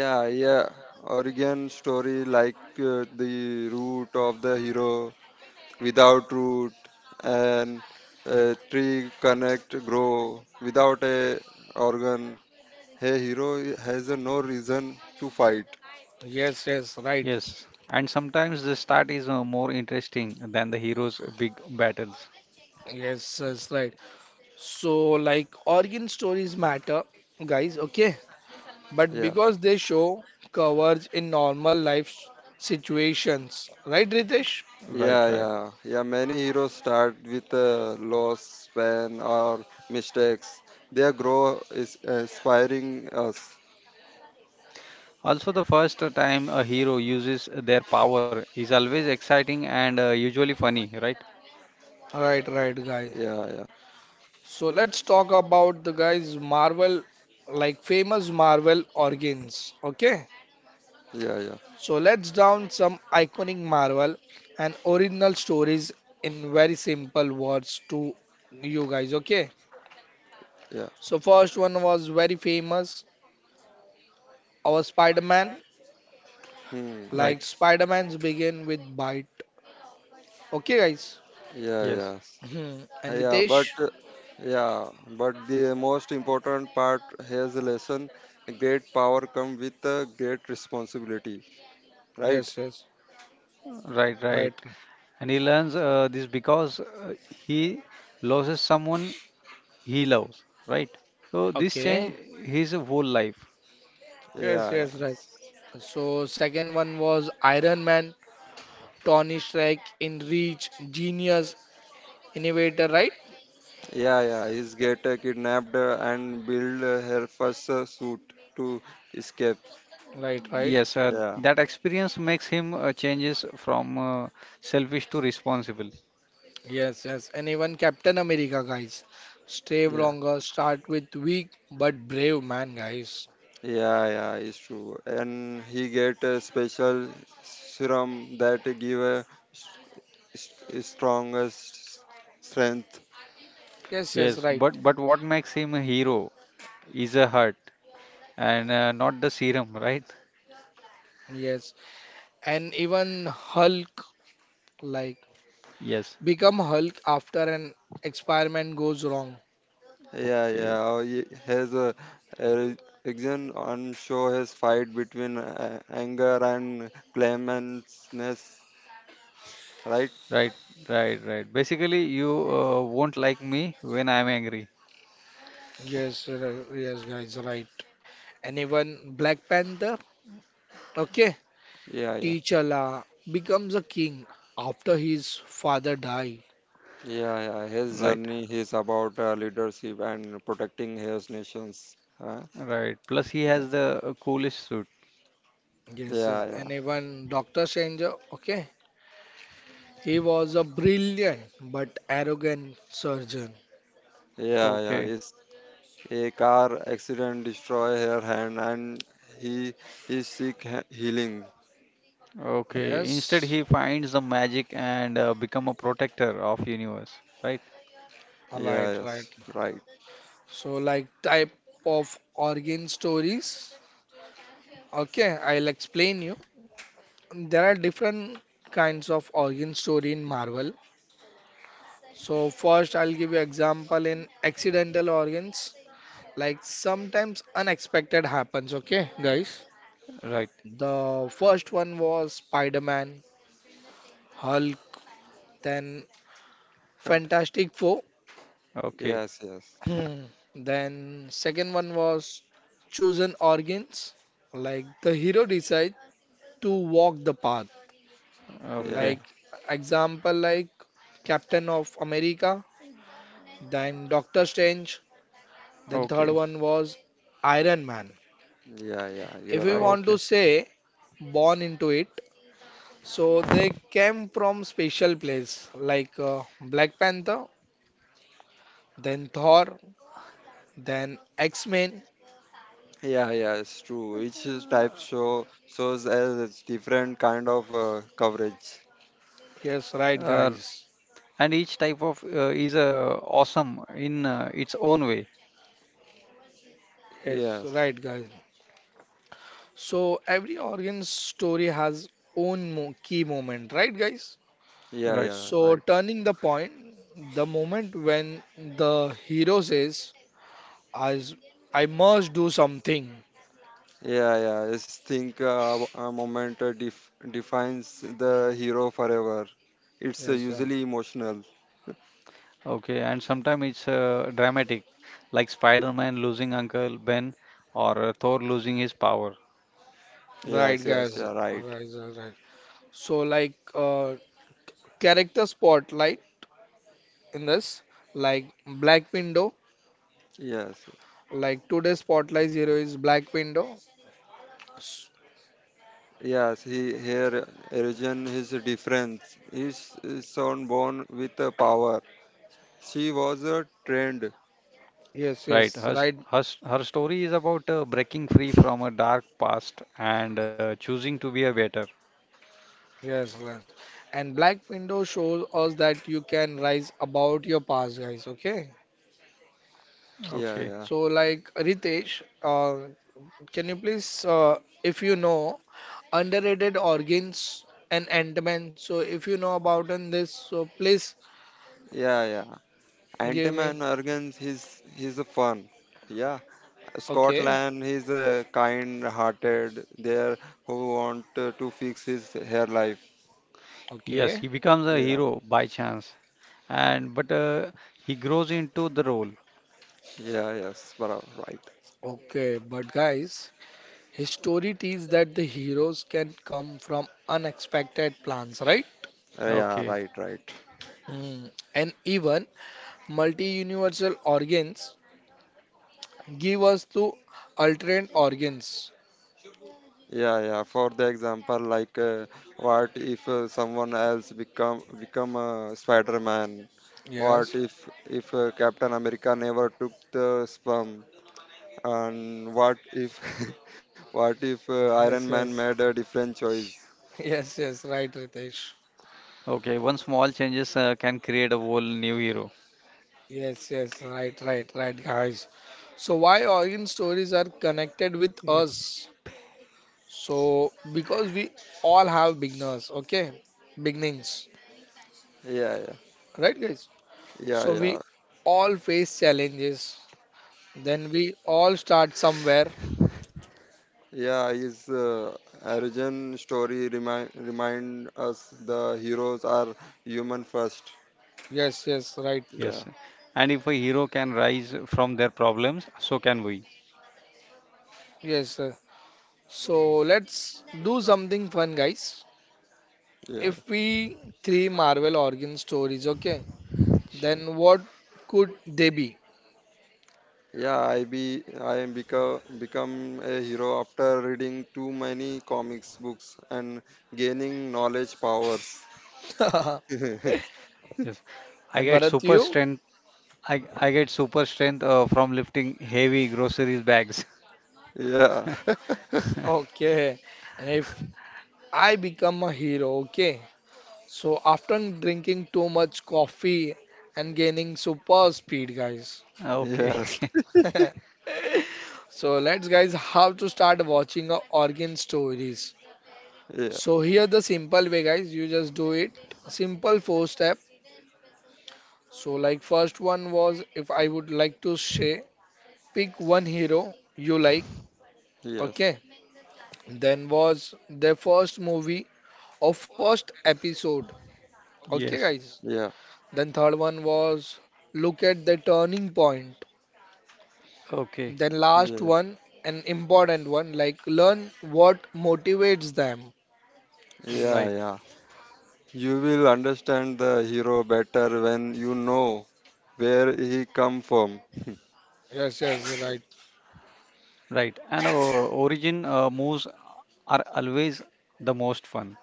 B: Yeah, yeah. Origin story like the root of the hero, without root, and tree connect grow without a organ. Hey, hero has a no reason to fight.
A: Yes, yes, right.
C: Yes. And sometimes the start is more interesting than the hero's big battles.
A: Yes, yes, right. So, like, origin stories matter, guys, okay? But
B: Yeah,
A: because they show coverage in normal life situations, right, Ritesh?
C: Right,
B: yeah,
C: right.
B: yeah, yeah. Many heroes start with a loss, pain, or mistakes. Their grow is inspiring us.
C: Also, the first time a hero uses their power is always exciting and usually funny, right?
A: Right, right, guys.
B: Yeah, yeah,
A: So, let's talk about the guys' Marvel, like, famous Marvel organs, okay?
B: yeah, yeah,
A: So let's down some iconic Marvel and original stories in very simple words to you guys, okay? So first one was very famous, our Spider-Man,
B: yeah. Hmm.
C: Right.
A: like Spider-Man's begin with bite. Okay guys.
B: Yeah,
C: Yes.
B: yes.
A: Hmm. And
B: Yeah, but
A: Ritesh?
B: uh, yeah, but the most important part has a lesson. Great power come with a great responsibility, right?
A: Yes, yes.
C: Right, right.
A: Right.
C: And he learns this because he loses someone he loves, right? So this
B: Yeah,
A: Okay.
C: change his whole life.
A: Yes,
B: yeah,
A: yes, right. So second one was Iron Man, Tony Stark in Reach, Genius, Innovator, right?
B: yeah, yeah. He's get kidnapped and build her first suit to escape.
A: Right, right.
C: Yes,
B: Yeah,
C: that experience makes him changes from selfish to responsible.
A: Yes, yes, and even Captain America, guys. Stay
B: yeah,
A: stronger, start with weak but brave man, guys.
B: yeah, yeah. It's true. And he get a special serum that give a s- strongest strength.
A: Yes, yes,
C: Yes,
A: right.
C: but what makes him a hero is a heart and not the serum, right?
A: Yes, and even Hulk, like
C: Yes.
A: become Hulk after an experiment goes wrong.
B: Yeah, yeah.
C: Okay.
B: Oh, he has a action on show his fight between anger and clemency, right?
C: Right, right, right. Basically, you won't like me when I'm angry.
A: Yes, r- yes, guys, right. And even Black Panther, okay,
B: Yeah, yeah,
A: T'Challa becomes a king after his father died.
B: yeah, yeah. His
C: Right,
B: journey is about leadership and protecting his nations. Huh?
C: right. Plus, he
B: Yeah,
C: has the coolest suit.
A: Yes, yes.
B: yeah, yeah,
A: And even Doctor Strange, okay, he was a brilliant but arrogant surgeon.
B: yeah, yeah.
C: Okay.
B: It's a car accident destroy her hand, and he he seek healing.
C: Okay. Instead,
A: Yes,
C: he finds the magic and become a protector of universe. Right?
B: Yeah,
A: alright, right.
B: yes, right.
A: So, like type of organ stories. Okay, I'll explain you. There are different kinds of organ story in Marvel. So first, I'll give you example in accidental organs. Like sometimes unexpected happens. Okay, guys.
C: Right.
A: The first one was Spider-Man, Hulk, then
B: Fantastic.
A: Fantastic Four.
C: Okay.
B: Yes, yes,
A: Hmm. Then second one was chosen organs. Like the hero decide to walk the path.
B: yeah,
C: Okay.
A: Like example like Captain of America, then Doctor Strange. Then third
C: Okay.
A: one was Iron Man.
B: yeah, yeah.
A: If
B: You're
A: we
B: right.
A: want
C: Okay.
A: to say born into it, so they came from special place like Black Panther, then Thor, then X-Men.
B: Yeah, yeah, it's true. Each type show shows as it's different kind of coverage.
A: Yes, right
C: Uh,
A: guys.
C: and each type of is awesome in its own way.
A: Yes,
B: Yes.
A: right guys. So every organ's story has own key moment, right, guys?
B: Yeah,
C: Right.
B: yeah,
A: So
B: right.
A: turning the point, the moment when the hero says, "I, s- I must do something,"
B: Yeah, yeah. I think a moment defines the hero forever. It's
A: Yes, sir.
B: usually emotional.
C: Okay. And sometimes it's dramatic, like Spider-Man losing Uncle Ben or Thor losing his power.
A: Right,
B: Yes, yes,
A: guys?
B: yeah, right.
A: Right, right, right. So like character spotlight in this, like Black Window,
B: Yes,
A: like today's spotlight hero is Black Window. S-
B: yes. He here origin his difference. His son born with a power. She was a trend.
A: yes,
C: Right.
A: yes,
C: Her, s-
A: right.
C: her, s- her story is about breaking free from a dark past and choosing to be a better.
A: Yes, yes. And Black Window shows us that you can rise about your past, guys. Okay.
B: Yeah,
C: Okay.
B: yeah,
A: So, like Ritesh, can you please, if you know, underrated organs and Ant-Man. So, if you know about on this, so please
B: yeah, yeah.
A: give me.
B: Ant-Man organs he's a fun. Yeah.
A: Okay,
B: Scotland he's a kind hearted there who want to fix his hair life.
C: Yes,
A: okay,
C: he becomes a
B: Yeah.
C: hero by chance, and but he grows into the role.
B: Yeah, yes. Right.
A: okay. But guys, his story teaches that the heroes can come from unexpected plans, right?
B: Yeah,
C: Okay,
B: right, right.
A: Mm. And even multi-universal organs give us to alternate organs.
B: Yeah, yeah. For the example, like what if someone else become a Spider-Man? What
A: Yes,
B: if Captain America never took the sperm? And what if [laughs] what if Iron
A: yes,
B: Man
A: yes,
B: made a different choice?
A: [laughs] yes, yes, right, Ritesh.
C: okay. One small changes can create a whole new hero.
A: Yes, yes, right, right, right, guys. So, why origin stories are connected with
C: Yep.
A: us? So, because we all have beginners, okay? Beginnings,
B: Yeah, yeah,
A: right, guys?
B: yeah,
A: So,
B: yeah.
A: we all face challenges, then we all start somewhere.
B: Yeah, his origin story remind us the heroes are human first.
A: Yes, yes, right,
B: Yeah,
C: Yes, and if a hero can rise from their problems, so can we.
A: yes, sir. So, let's do something fun, guys.
B: yeah,
A: If we three Marvel origin stories, okay, then what could they be?
B: yeah. I be I am become become a hero after reading too many comics books and gaining knowledge powers.
A: [laughs] And
B: [laughs] Yeah,
C: Yes, I get
A: Bharat,
C: super
A: you?
C: strength. I get super strength from lifting heavy groceries bags. [laughs]
B: [laughs]
A: Okay. And if I become a hero, okay. So after drinking too much coffee and gaining super speed, guys.
C: Okay.
B: yes,
C: [laughs]
B: [laughs]
A: [laughs] So let's guys how to start watching a origin stories.
B: yeah,
A: So here the simple way guys, you just do it. Simple four step. So like first one was if I would like to say pick one hero you like,
B: yes, yeah.
A: okay? Then was their first movie or first episode, okay,
C: Yes.
A: guys?
B: Yeah,
A: Then third one was look at the turning point.
C: Okay.
A: Then last one, an important one, like learn what motivates them.
B: yeah,
C: Right.
B: yeah. You will understand the hero better when you know where he come from. [laughs]
A: Yes, yes, right.
C: Right, and origin moves are always the most fun.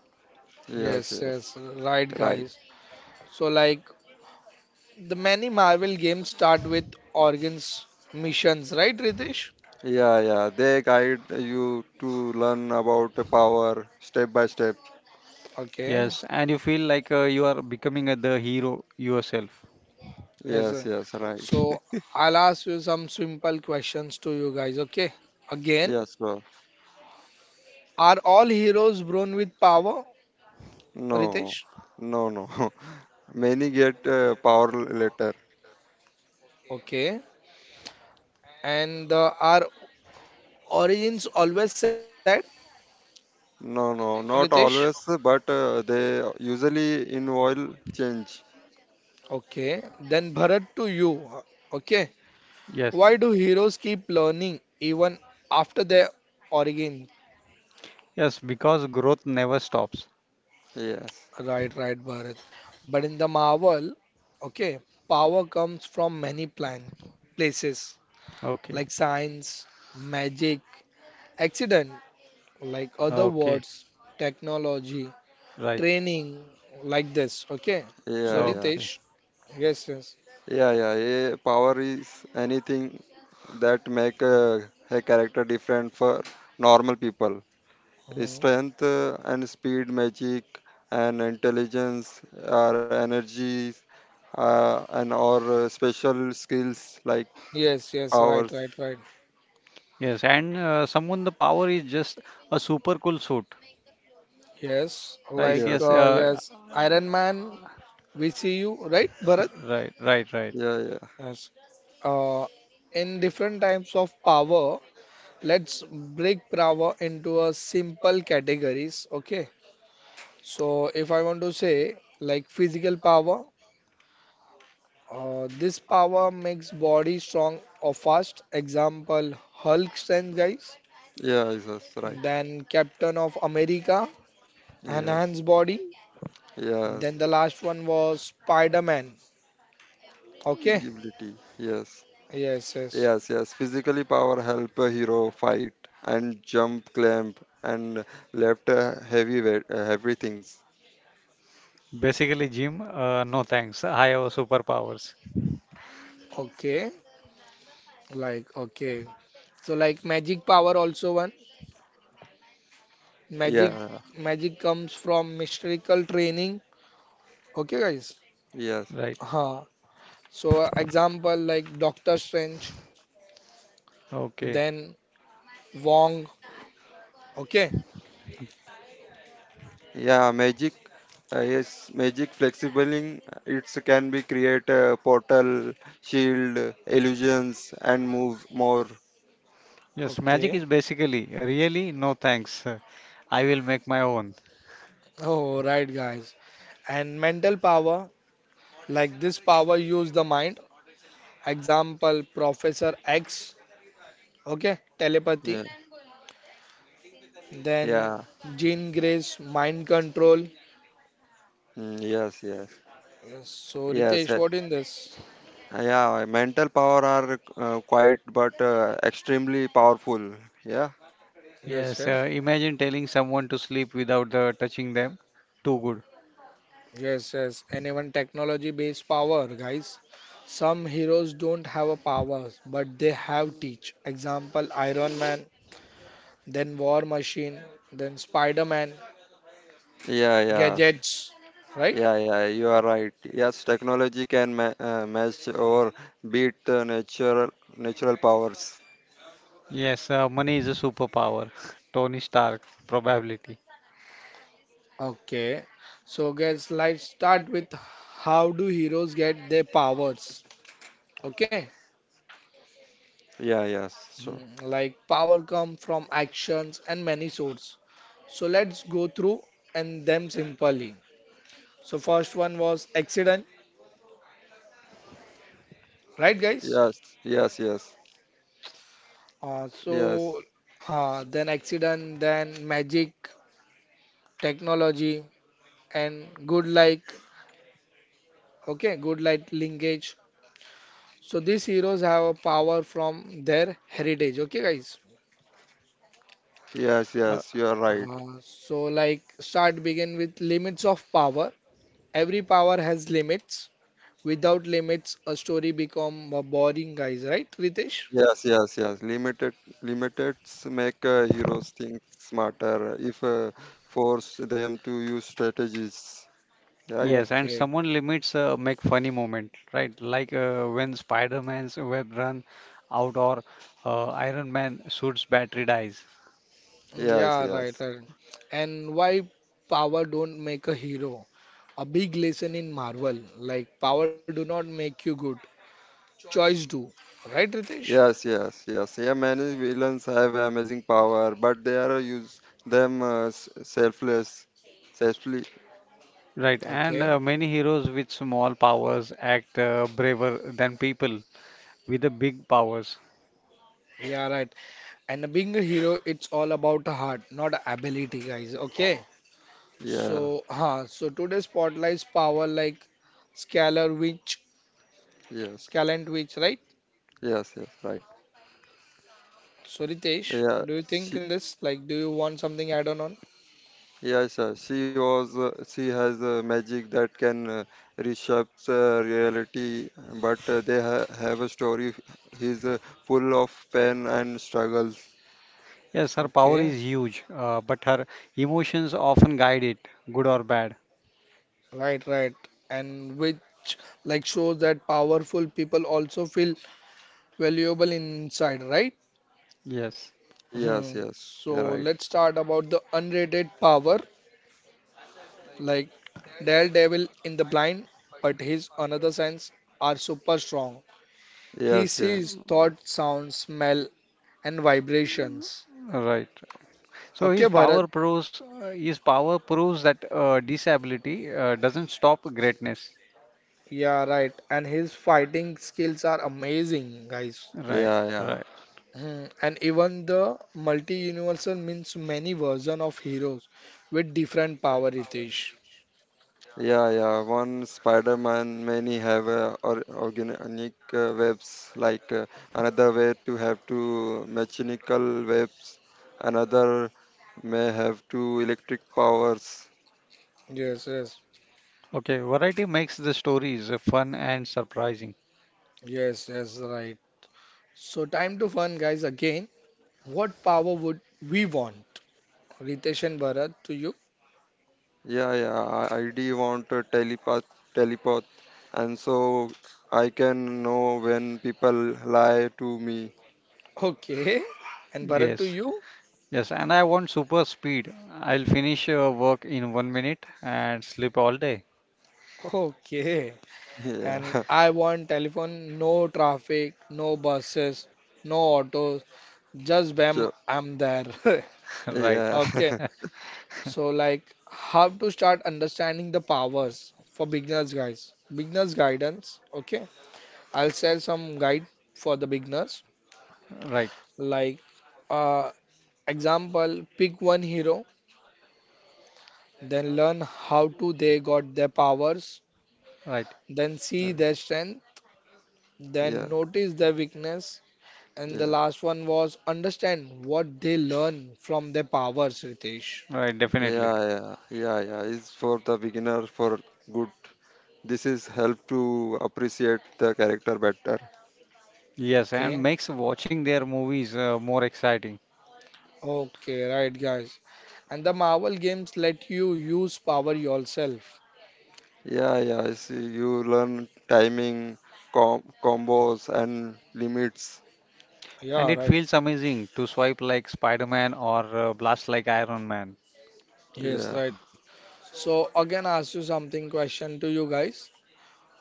B: Yes,
A: Yes,
B: yes,
A: yes, right,
B: right.
A: guys. So, like, the many Marvel games start with organs missions, right, Ritesh?
B: Yeah, yeah. They guide you to learn about the power step by step.
A: Okay.
C: Yes, and you feel like you are becoming the hero yourself.
A: Yes,
B: Yes,
A: sir.
B: yes, right.
A: So
B: [laughs]
A: I'll ask you some simple questions to you guys. Okay. Again,
B: Yes, sir.
A: are all heroes born with power,
B: No,
A: Ritesh?
B: no, no. [laughs] Many get power later.
A: Okay. And are origins always sad,
B: No, no,
A: Ritesh?
B: not always, but they usually in oil change.
A: Okay. Then Bharat to you. Okay.
C: Yes,
A: Why do heroes keep learning even after their origin?
C: yes, because growth never stops.
B: Yes.
A: Right, right, Bharat. But in the Marvel, okay, power comes from many plan places.
C: Okay,
A: Like science, magic, accident, like other
C: okay,
A: words, technology,
C: right,
A: training, like this. Okay. So
B: Yeah, yeah.
C: okay.
A: Ritesh, yes, yes.
B: Yeah, yeah, yeah. Power is anything that make a character different for normal people.
A: Mhm.
B: Strength and speed, magic and intelligence, or energies, and or special skills like
A: Yes, yes, right,
B: powers.
A: right, right.
C: Yes, and someone the power is just a super cool suit.
A: Yes,
C: Right,
A: like
B: Yes,
C: yes,
B: yeah,
A: yes, Iron Man, we see you, right, Bharat?
C: right, right, right.
B: yeah, yeah.
A: Yes. Uh, in different types of power, let's break power into a simple categories, okay? So if I want to say like physical power. This power makes body strong or fast. Example, Hulk strength guys.
B: Yeah, yes, that's right.
A: Then Captain of America,
B: Yes,
A: enhanced body.
B: yes.
A: Then the last one was Spider-Man. Okay.
B: Ability. Yes.
A: Yes, yes.
B: Yes, yes. Physically power help a hero fight and jump clamp and left heavy weight, heavy things.
C: Basically, Jim, no thanks. I have superpowers.
A: Okay. Like, okay. So like magic power also one. Magic
B: Yeah,
A: magic comes from mystical training. Okay, guys.
B: yes.
C: Right,
A: Huh. So example like Doctor Strange,
C: okay.
A: then Wong. Okay.
B: Yeah, magic. Yes, magic flexibling. It can be create a portal, shield, illusions, and move more.
C: Yes, magic
A: Okay.
C: is basically really no thanks. I will make my own.
A: Oh, right, guys. And mental power, like this power use the mind. Example, Professor X, okay, telepathy.
B: Yeah,
A: Then
B: yeah.
A: Jean Grey's mind control.
B: Mm, yes, yes,
A: Yes. So,
B: yes.
A: Ritesh,
B: uh,
A: what in this?
B: yeah, mental power are quite but extremely powerful. Yeah,
A: Yes,
C: Yes,
A: yes,
C: imagine telling someone to sleep without the touching them. Too good.
A: yes, yes. And even technology-based power, guys. Some heroes don't have a powers, but they have teach. Example, Iron Man, then War Machine, then Spider-Man,
B: yeah, yeah.
A: gadgets, right?
B: Yeah, yeah, you are right. Yes, technology can match or beat the natural powers.
C: Yes, money is a superpower. [laughs] Tony Stark, probability.
A: Okay, so guys, let's start with how do heroes get their powers? Okay.
B: Yeah, yes, sure.
A: Mhm. Like power come from actions and many sources. So let's go through and them simply. So first one was accident, right, guys?
B: Yes, yes, yes, yes,
A: So huh, then accident, then magic, technology, and good like, okay, good light linkage. So these heroes have a power from their heritage. Okay, guys.
B: yes,
C: Uh,
B: yes. You are right.
A: So like start begin with limits of power. Every power has limits. Without limits, a story become boring, guys, right, Ritesh?
B: Yes, yes, yes. Limiteds make heroes think smarter if force them to use strategies. Right?
C: yes, and
A: Okay.
C: someone limits make funny moment, right? Like when Spider-Man's web run out or Iron Man suit's battery dies.
B: Yes,
A: Yeah, right,
B: yes.
A: right. And why power don't make a hero? A big lesson in Marvel. Like power do not make you good. Choice do. Right, Ritesh?
B: Yes, yes, yes. Yeah, many villains have amazing power, but they are use them selfless, selfly.
C: Right, and
A: Okay.
C: many heroes with small powers act braver than people with the big powers.
A: Yeah, right. And being a hero, it's all about heart, not ability, guys. Okay.
B: Yeah,
A: So, huh, so today's spotlights power like scalar which
B: yes,
A: scalant which, right?
B: yes, yes. Right.
A: So, Ritesh,
B: Yeah,
A: do you think
B: she,
A: in this? Like, do you want something add-on on?
B: yes, yes. She was. She has magic that can reshape reality, but they have a story. He's full of pain and struggles.
C: Yes, her power
A: Okay,
C: is huge, but her emotions often guide it, good or bad.
A: right, right. And which like shows that powerful people also feel valuable inside, right?
C: Yes,
B: Yes,
A: Hmm.
B: yes.
A: So,
B: Yeah, right.
A: let's start about the unrated power, like Daredevil in the blind, but his another sense are super strong. He
B: Yes, yeah,
A: sees thoughts, sounds, smell, and vibrations.
C: right. So
A: Okay,
C: his
A: Bharat.
C: power proves uh, his power proves that disability doesn't stop greatness.
A: Yeah, right. And his fighting skills are amazing, guys.
C: Right,
B: yeah, yeah.
C: right.
A: Hmm. And even the multi-universal means many version of heroes with different power, Ritesh.
B: Yeah, yeah. One Spider-Man, many have or organic webs. Like another way to have to mechanical webs. Another may have to electric powers.
A: Yes, yes,
C: Okay, variety makes the stories fun and surprising.
A: yes, yes, right. So time to fun, guys. Again, what power would we want? Ritesh and Bharat to you.
B: Yeah, yeah. I do want a telepath, and so I can know when people lie to me.
A: Okay. And Bharat to
C: Yes,
A: you.
C: yes. And I want super speed. I'll finish work in 1 minute and sleep all day. [laughs]
A: Okay.
B: [laughs]
A: And
B: Yeah,
A: I want telephone, no traffic, no buses, no autos, just
B: [laughs]
A: bam,
B: sure.
A: I'm there.
C: Right,
A: [laughs]
B: Yeah,
A: Okay, so
C: [laughs]
A: like how to start understanding the powers for beginners, guys. Beginners guidance, okay. I'll share some guide for the beginners.
C: right,
A: Like uh, example, pick one hero, then learn how to they got their powers,
C: right,
A: then see their strength,
B: [laughs] yeah.
A: then notice their weakness. And the
B: Yeah.
A: last one was understand what they learn from their powers, Ritesh.
C: right. Definitely.
B: Yeah, yeah, yeah, yeah. It's for the beginner for good. This is help to appreciate the character better.
C: Yes, and
A: Okay.
C: makes watching their movies more exciting.
A: Okay, right, guys. And the Marvel games let you use power yourself.
B: Yeah, yeah. I see you learn timing, combos, and limits.
C: And
A: Yeah,
C: it
A: right.
C: feels amazing to swipe like Spider-Man or blast like Iron Man.
B: Yeah,
A: Yes, right. So again, ask you something question to you guys.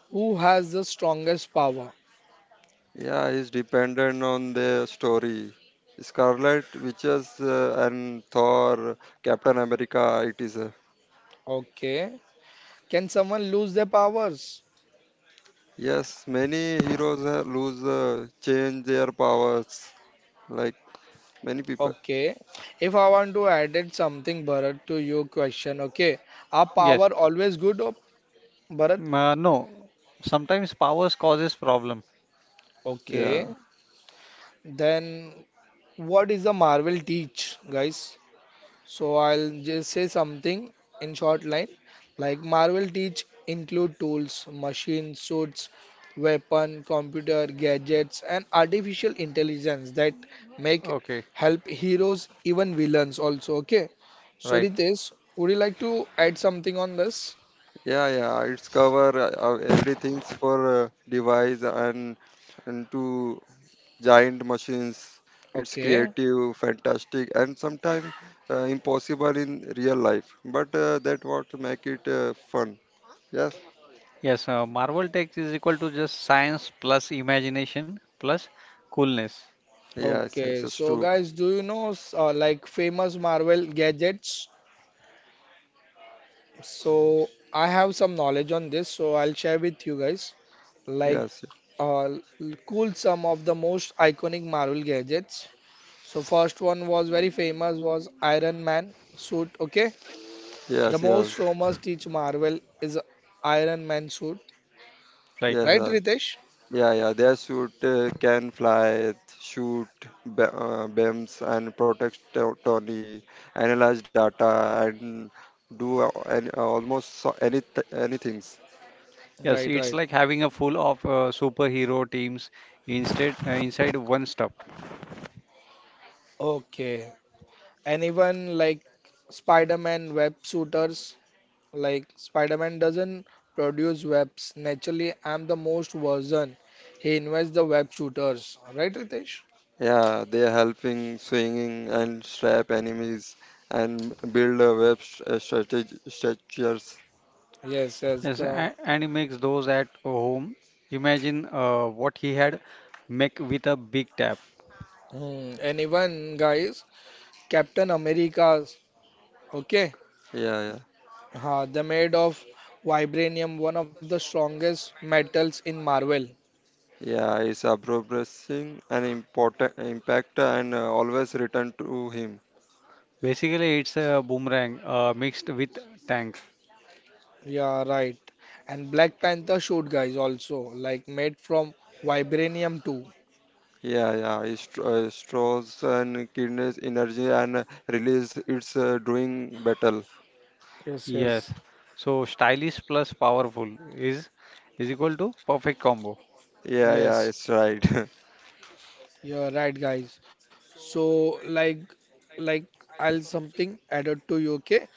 A: Who has the strongest power?
B: yeah. It's dependent on the story. Scarlet Witches and Thor, Captain America. It is. Uh,
A: Okay. Can someone lose their powers?
B: yes, many heroes lose, change their powers like many people.
A: Okay. If I want to add it something, Bharat, to your question, okay. Are
C: Yes.
A: power always good, oh, Bharat?
C: Mm, no. Sometimes powers causes problem.
B: Yeah,
A: Okay. Then what is the Marvel teach, guys? So I'll just say something in short line. Like Marvel teach include tools, machines, suits, weapon, computer, gadgets, and artificial intelligence that make
C: Okay,
A: help heroes, even villains also. Okay. So
C: right.
A: Ritesh, would you like to add something on this?
B: yeah, yeah. It's cover everything's for device and to giant machines. It's
A: Okay.
B: creative fantastic and sometimes impossible in real life, but that what make it fun. Yes,
C: Yes, Marvel tech is equal to just science plus imagination plus coolness.
B: yes, yes,
A: Okay.
B: it's
A: So
B: true.
A: guys, do you know like famous Marvel gadgets? So I have some knowledge on this, so I'll share with you guys. Like,
B: Yes, yes,
A: uh, l- cool some of the most iconic Marvel gadgets. So first one was very famous was Iron Man suit. Okay, the
B: yes,
A: most
B: yes,
A: famous teach Marvel is Iron Man suit,
C: Right.
B: yes,
A: right,
B: yes.
A: Ritesh?
B: Yeah, yeah, their suit can fly, shoot beams, and protect Tony, analyze data, and do almost anything.
C: Yes,
A: Right,
C: it's
A: right.
C: like having a full of superhero teams instead inside one stuff.
A: Okay. Anyone like Spider-Man web shooters? Like Spider-Man doesn't produce webs naturally. I'm the most version. He invents the web shooters, right, Ritesh?
B: Yeah, they are helping swinging and trap enemies and build a web strategy structures.
A: Yes, yes.
C: Yes,
A: The
C: and he makes those at home. Imagine what he had make with a big tap.
A: hmm. And even guys, Captain America's okay.
B: Yeah, yeah,
A: Ha, they're made of vibranium, one of the strongest metals in Marvel.
B: yeah. It's a progressing and important impact, and always return to him.
C: Basically, it's a boomerang mixed with tank.
A: Yeah, right. And Black Panther shoot guys also like made from vibranium too.
B: Yeah, yeah, straws and kidneys energy and release it's doing battle.
A: Yes, yes,
C: Yes. So stylish plus powerful is is equal to perfect combo.
B: Yeah, yeah,
A: yes.
B: it's right. [laughs]
A: You're right, guys. So, like I'll something added to you, okay?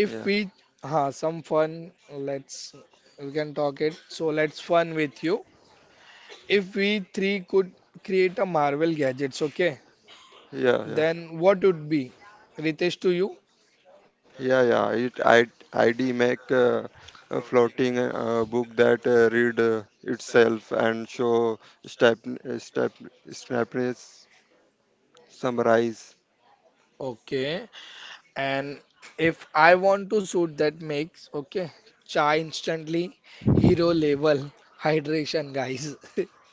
B: Yeah, yeah,
A: we, ha, some fun. Let's we can talk it. So let's fun with you. If we three could create a Marvel gadgets, okay?
B: yeah.
A: Then what would be? Ritesh to you,
B: Yeah, yeah. It I ID make a floating book that read itself and show step step snappiness summarize.
A: okay? And if I want to shoot that mix, okay, chai instantly, hero level, hydration, guys. [laughs]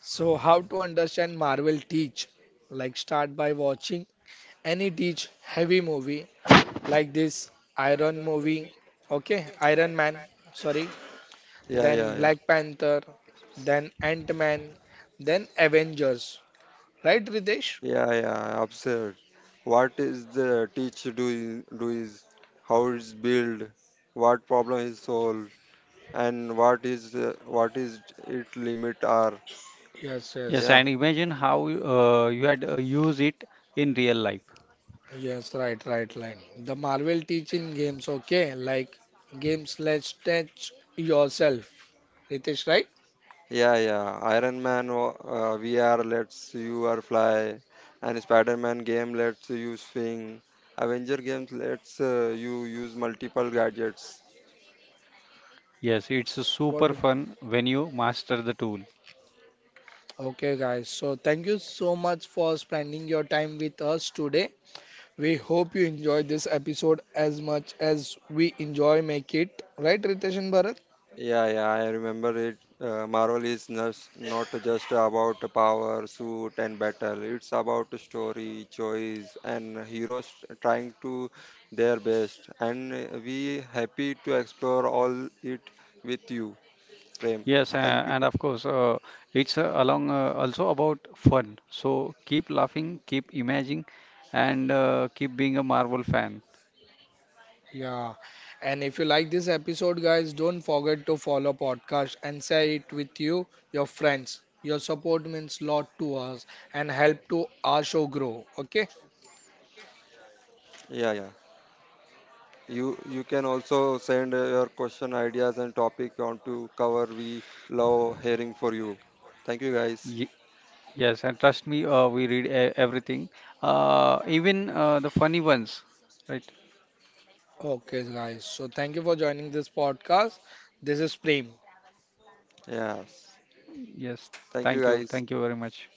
A: So, how to understand Marvel teach? Like, start by watching any teach heavy movie, like this Iron movie, okay, Iron Man, sorry,
B: Yeah, yeah,
A: then
B: yeah.
A: Black Panther, then Ant-Man, then Avengers, right, Ritesh?
B: Yeah, yeah, absurd. What is the teach do is how it's built, what problem is solved, and what is it limit are.
A: Yes,
C: Yes,
A: yes.
B: Yeah,
C: and imagine how you had use it in real life.
A: Yes, right, right, right. The Marvel teaching games, okay? Like games, let's touch yourself. Ritesh, right?
B: yeah, yeah. Iron Man VR lets you are fly, and Spider Man game lets you swing. Avenger games lets you use multiple gadgets.
C: Yes, it's
A: What? Do-
C: super fun when you master the tool.
A: okay, guys. So thank you so much for spending your time with us today. We hope you enjoyed this episode as much as we enjoy make it. Right, Ritesh and Bharat?
B: Yeah, yeah, I remember it. Marvel is not just about power, suit, and battle. It's about story, choice, and heroes trying to their best. And we happy to explore all it with you, Prem.
C: Yes,
B: Thank you.
C: and of course, it's along also about fun. So keep laughing, keep imagining, and keep being a Marvel fan.
A: Yeah, and if you like this episode, guys, don't forget to follow podcast and share it with you, your friends. Your support means lot to us and help to our show grow. Okay,
B: Yeah, yeah. You can also send your question, ideas, and topic on to cover. We love hearing for you. Thank you, guys.
C: Y Yes, and trust me, we read e everything, even the funny ones, right?
A: okay, guys. So thank you for joining this podcast. This is Prem.
B: Yes.
C: Yes,
B: Thank you, guys.
C: thank you very much.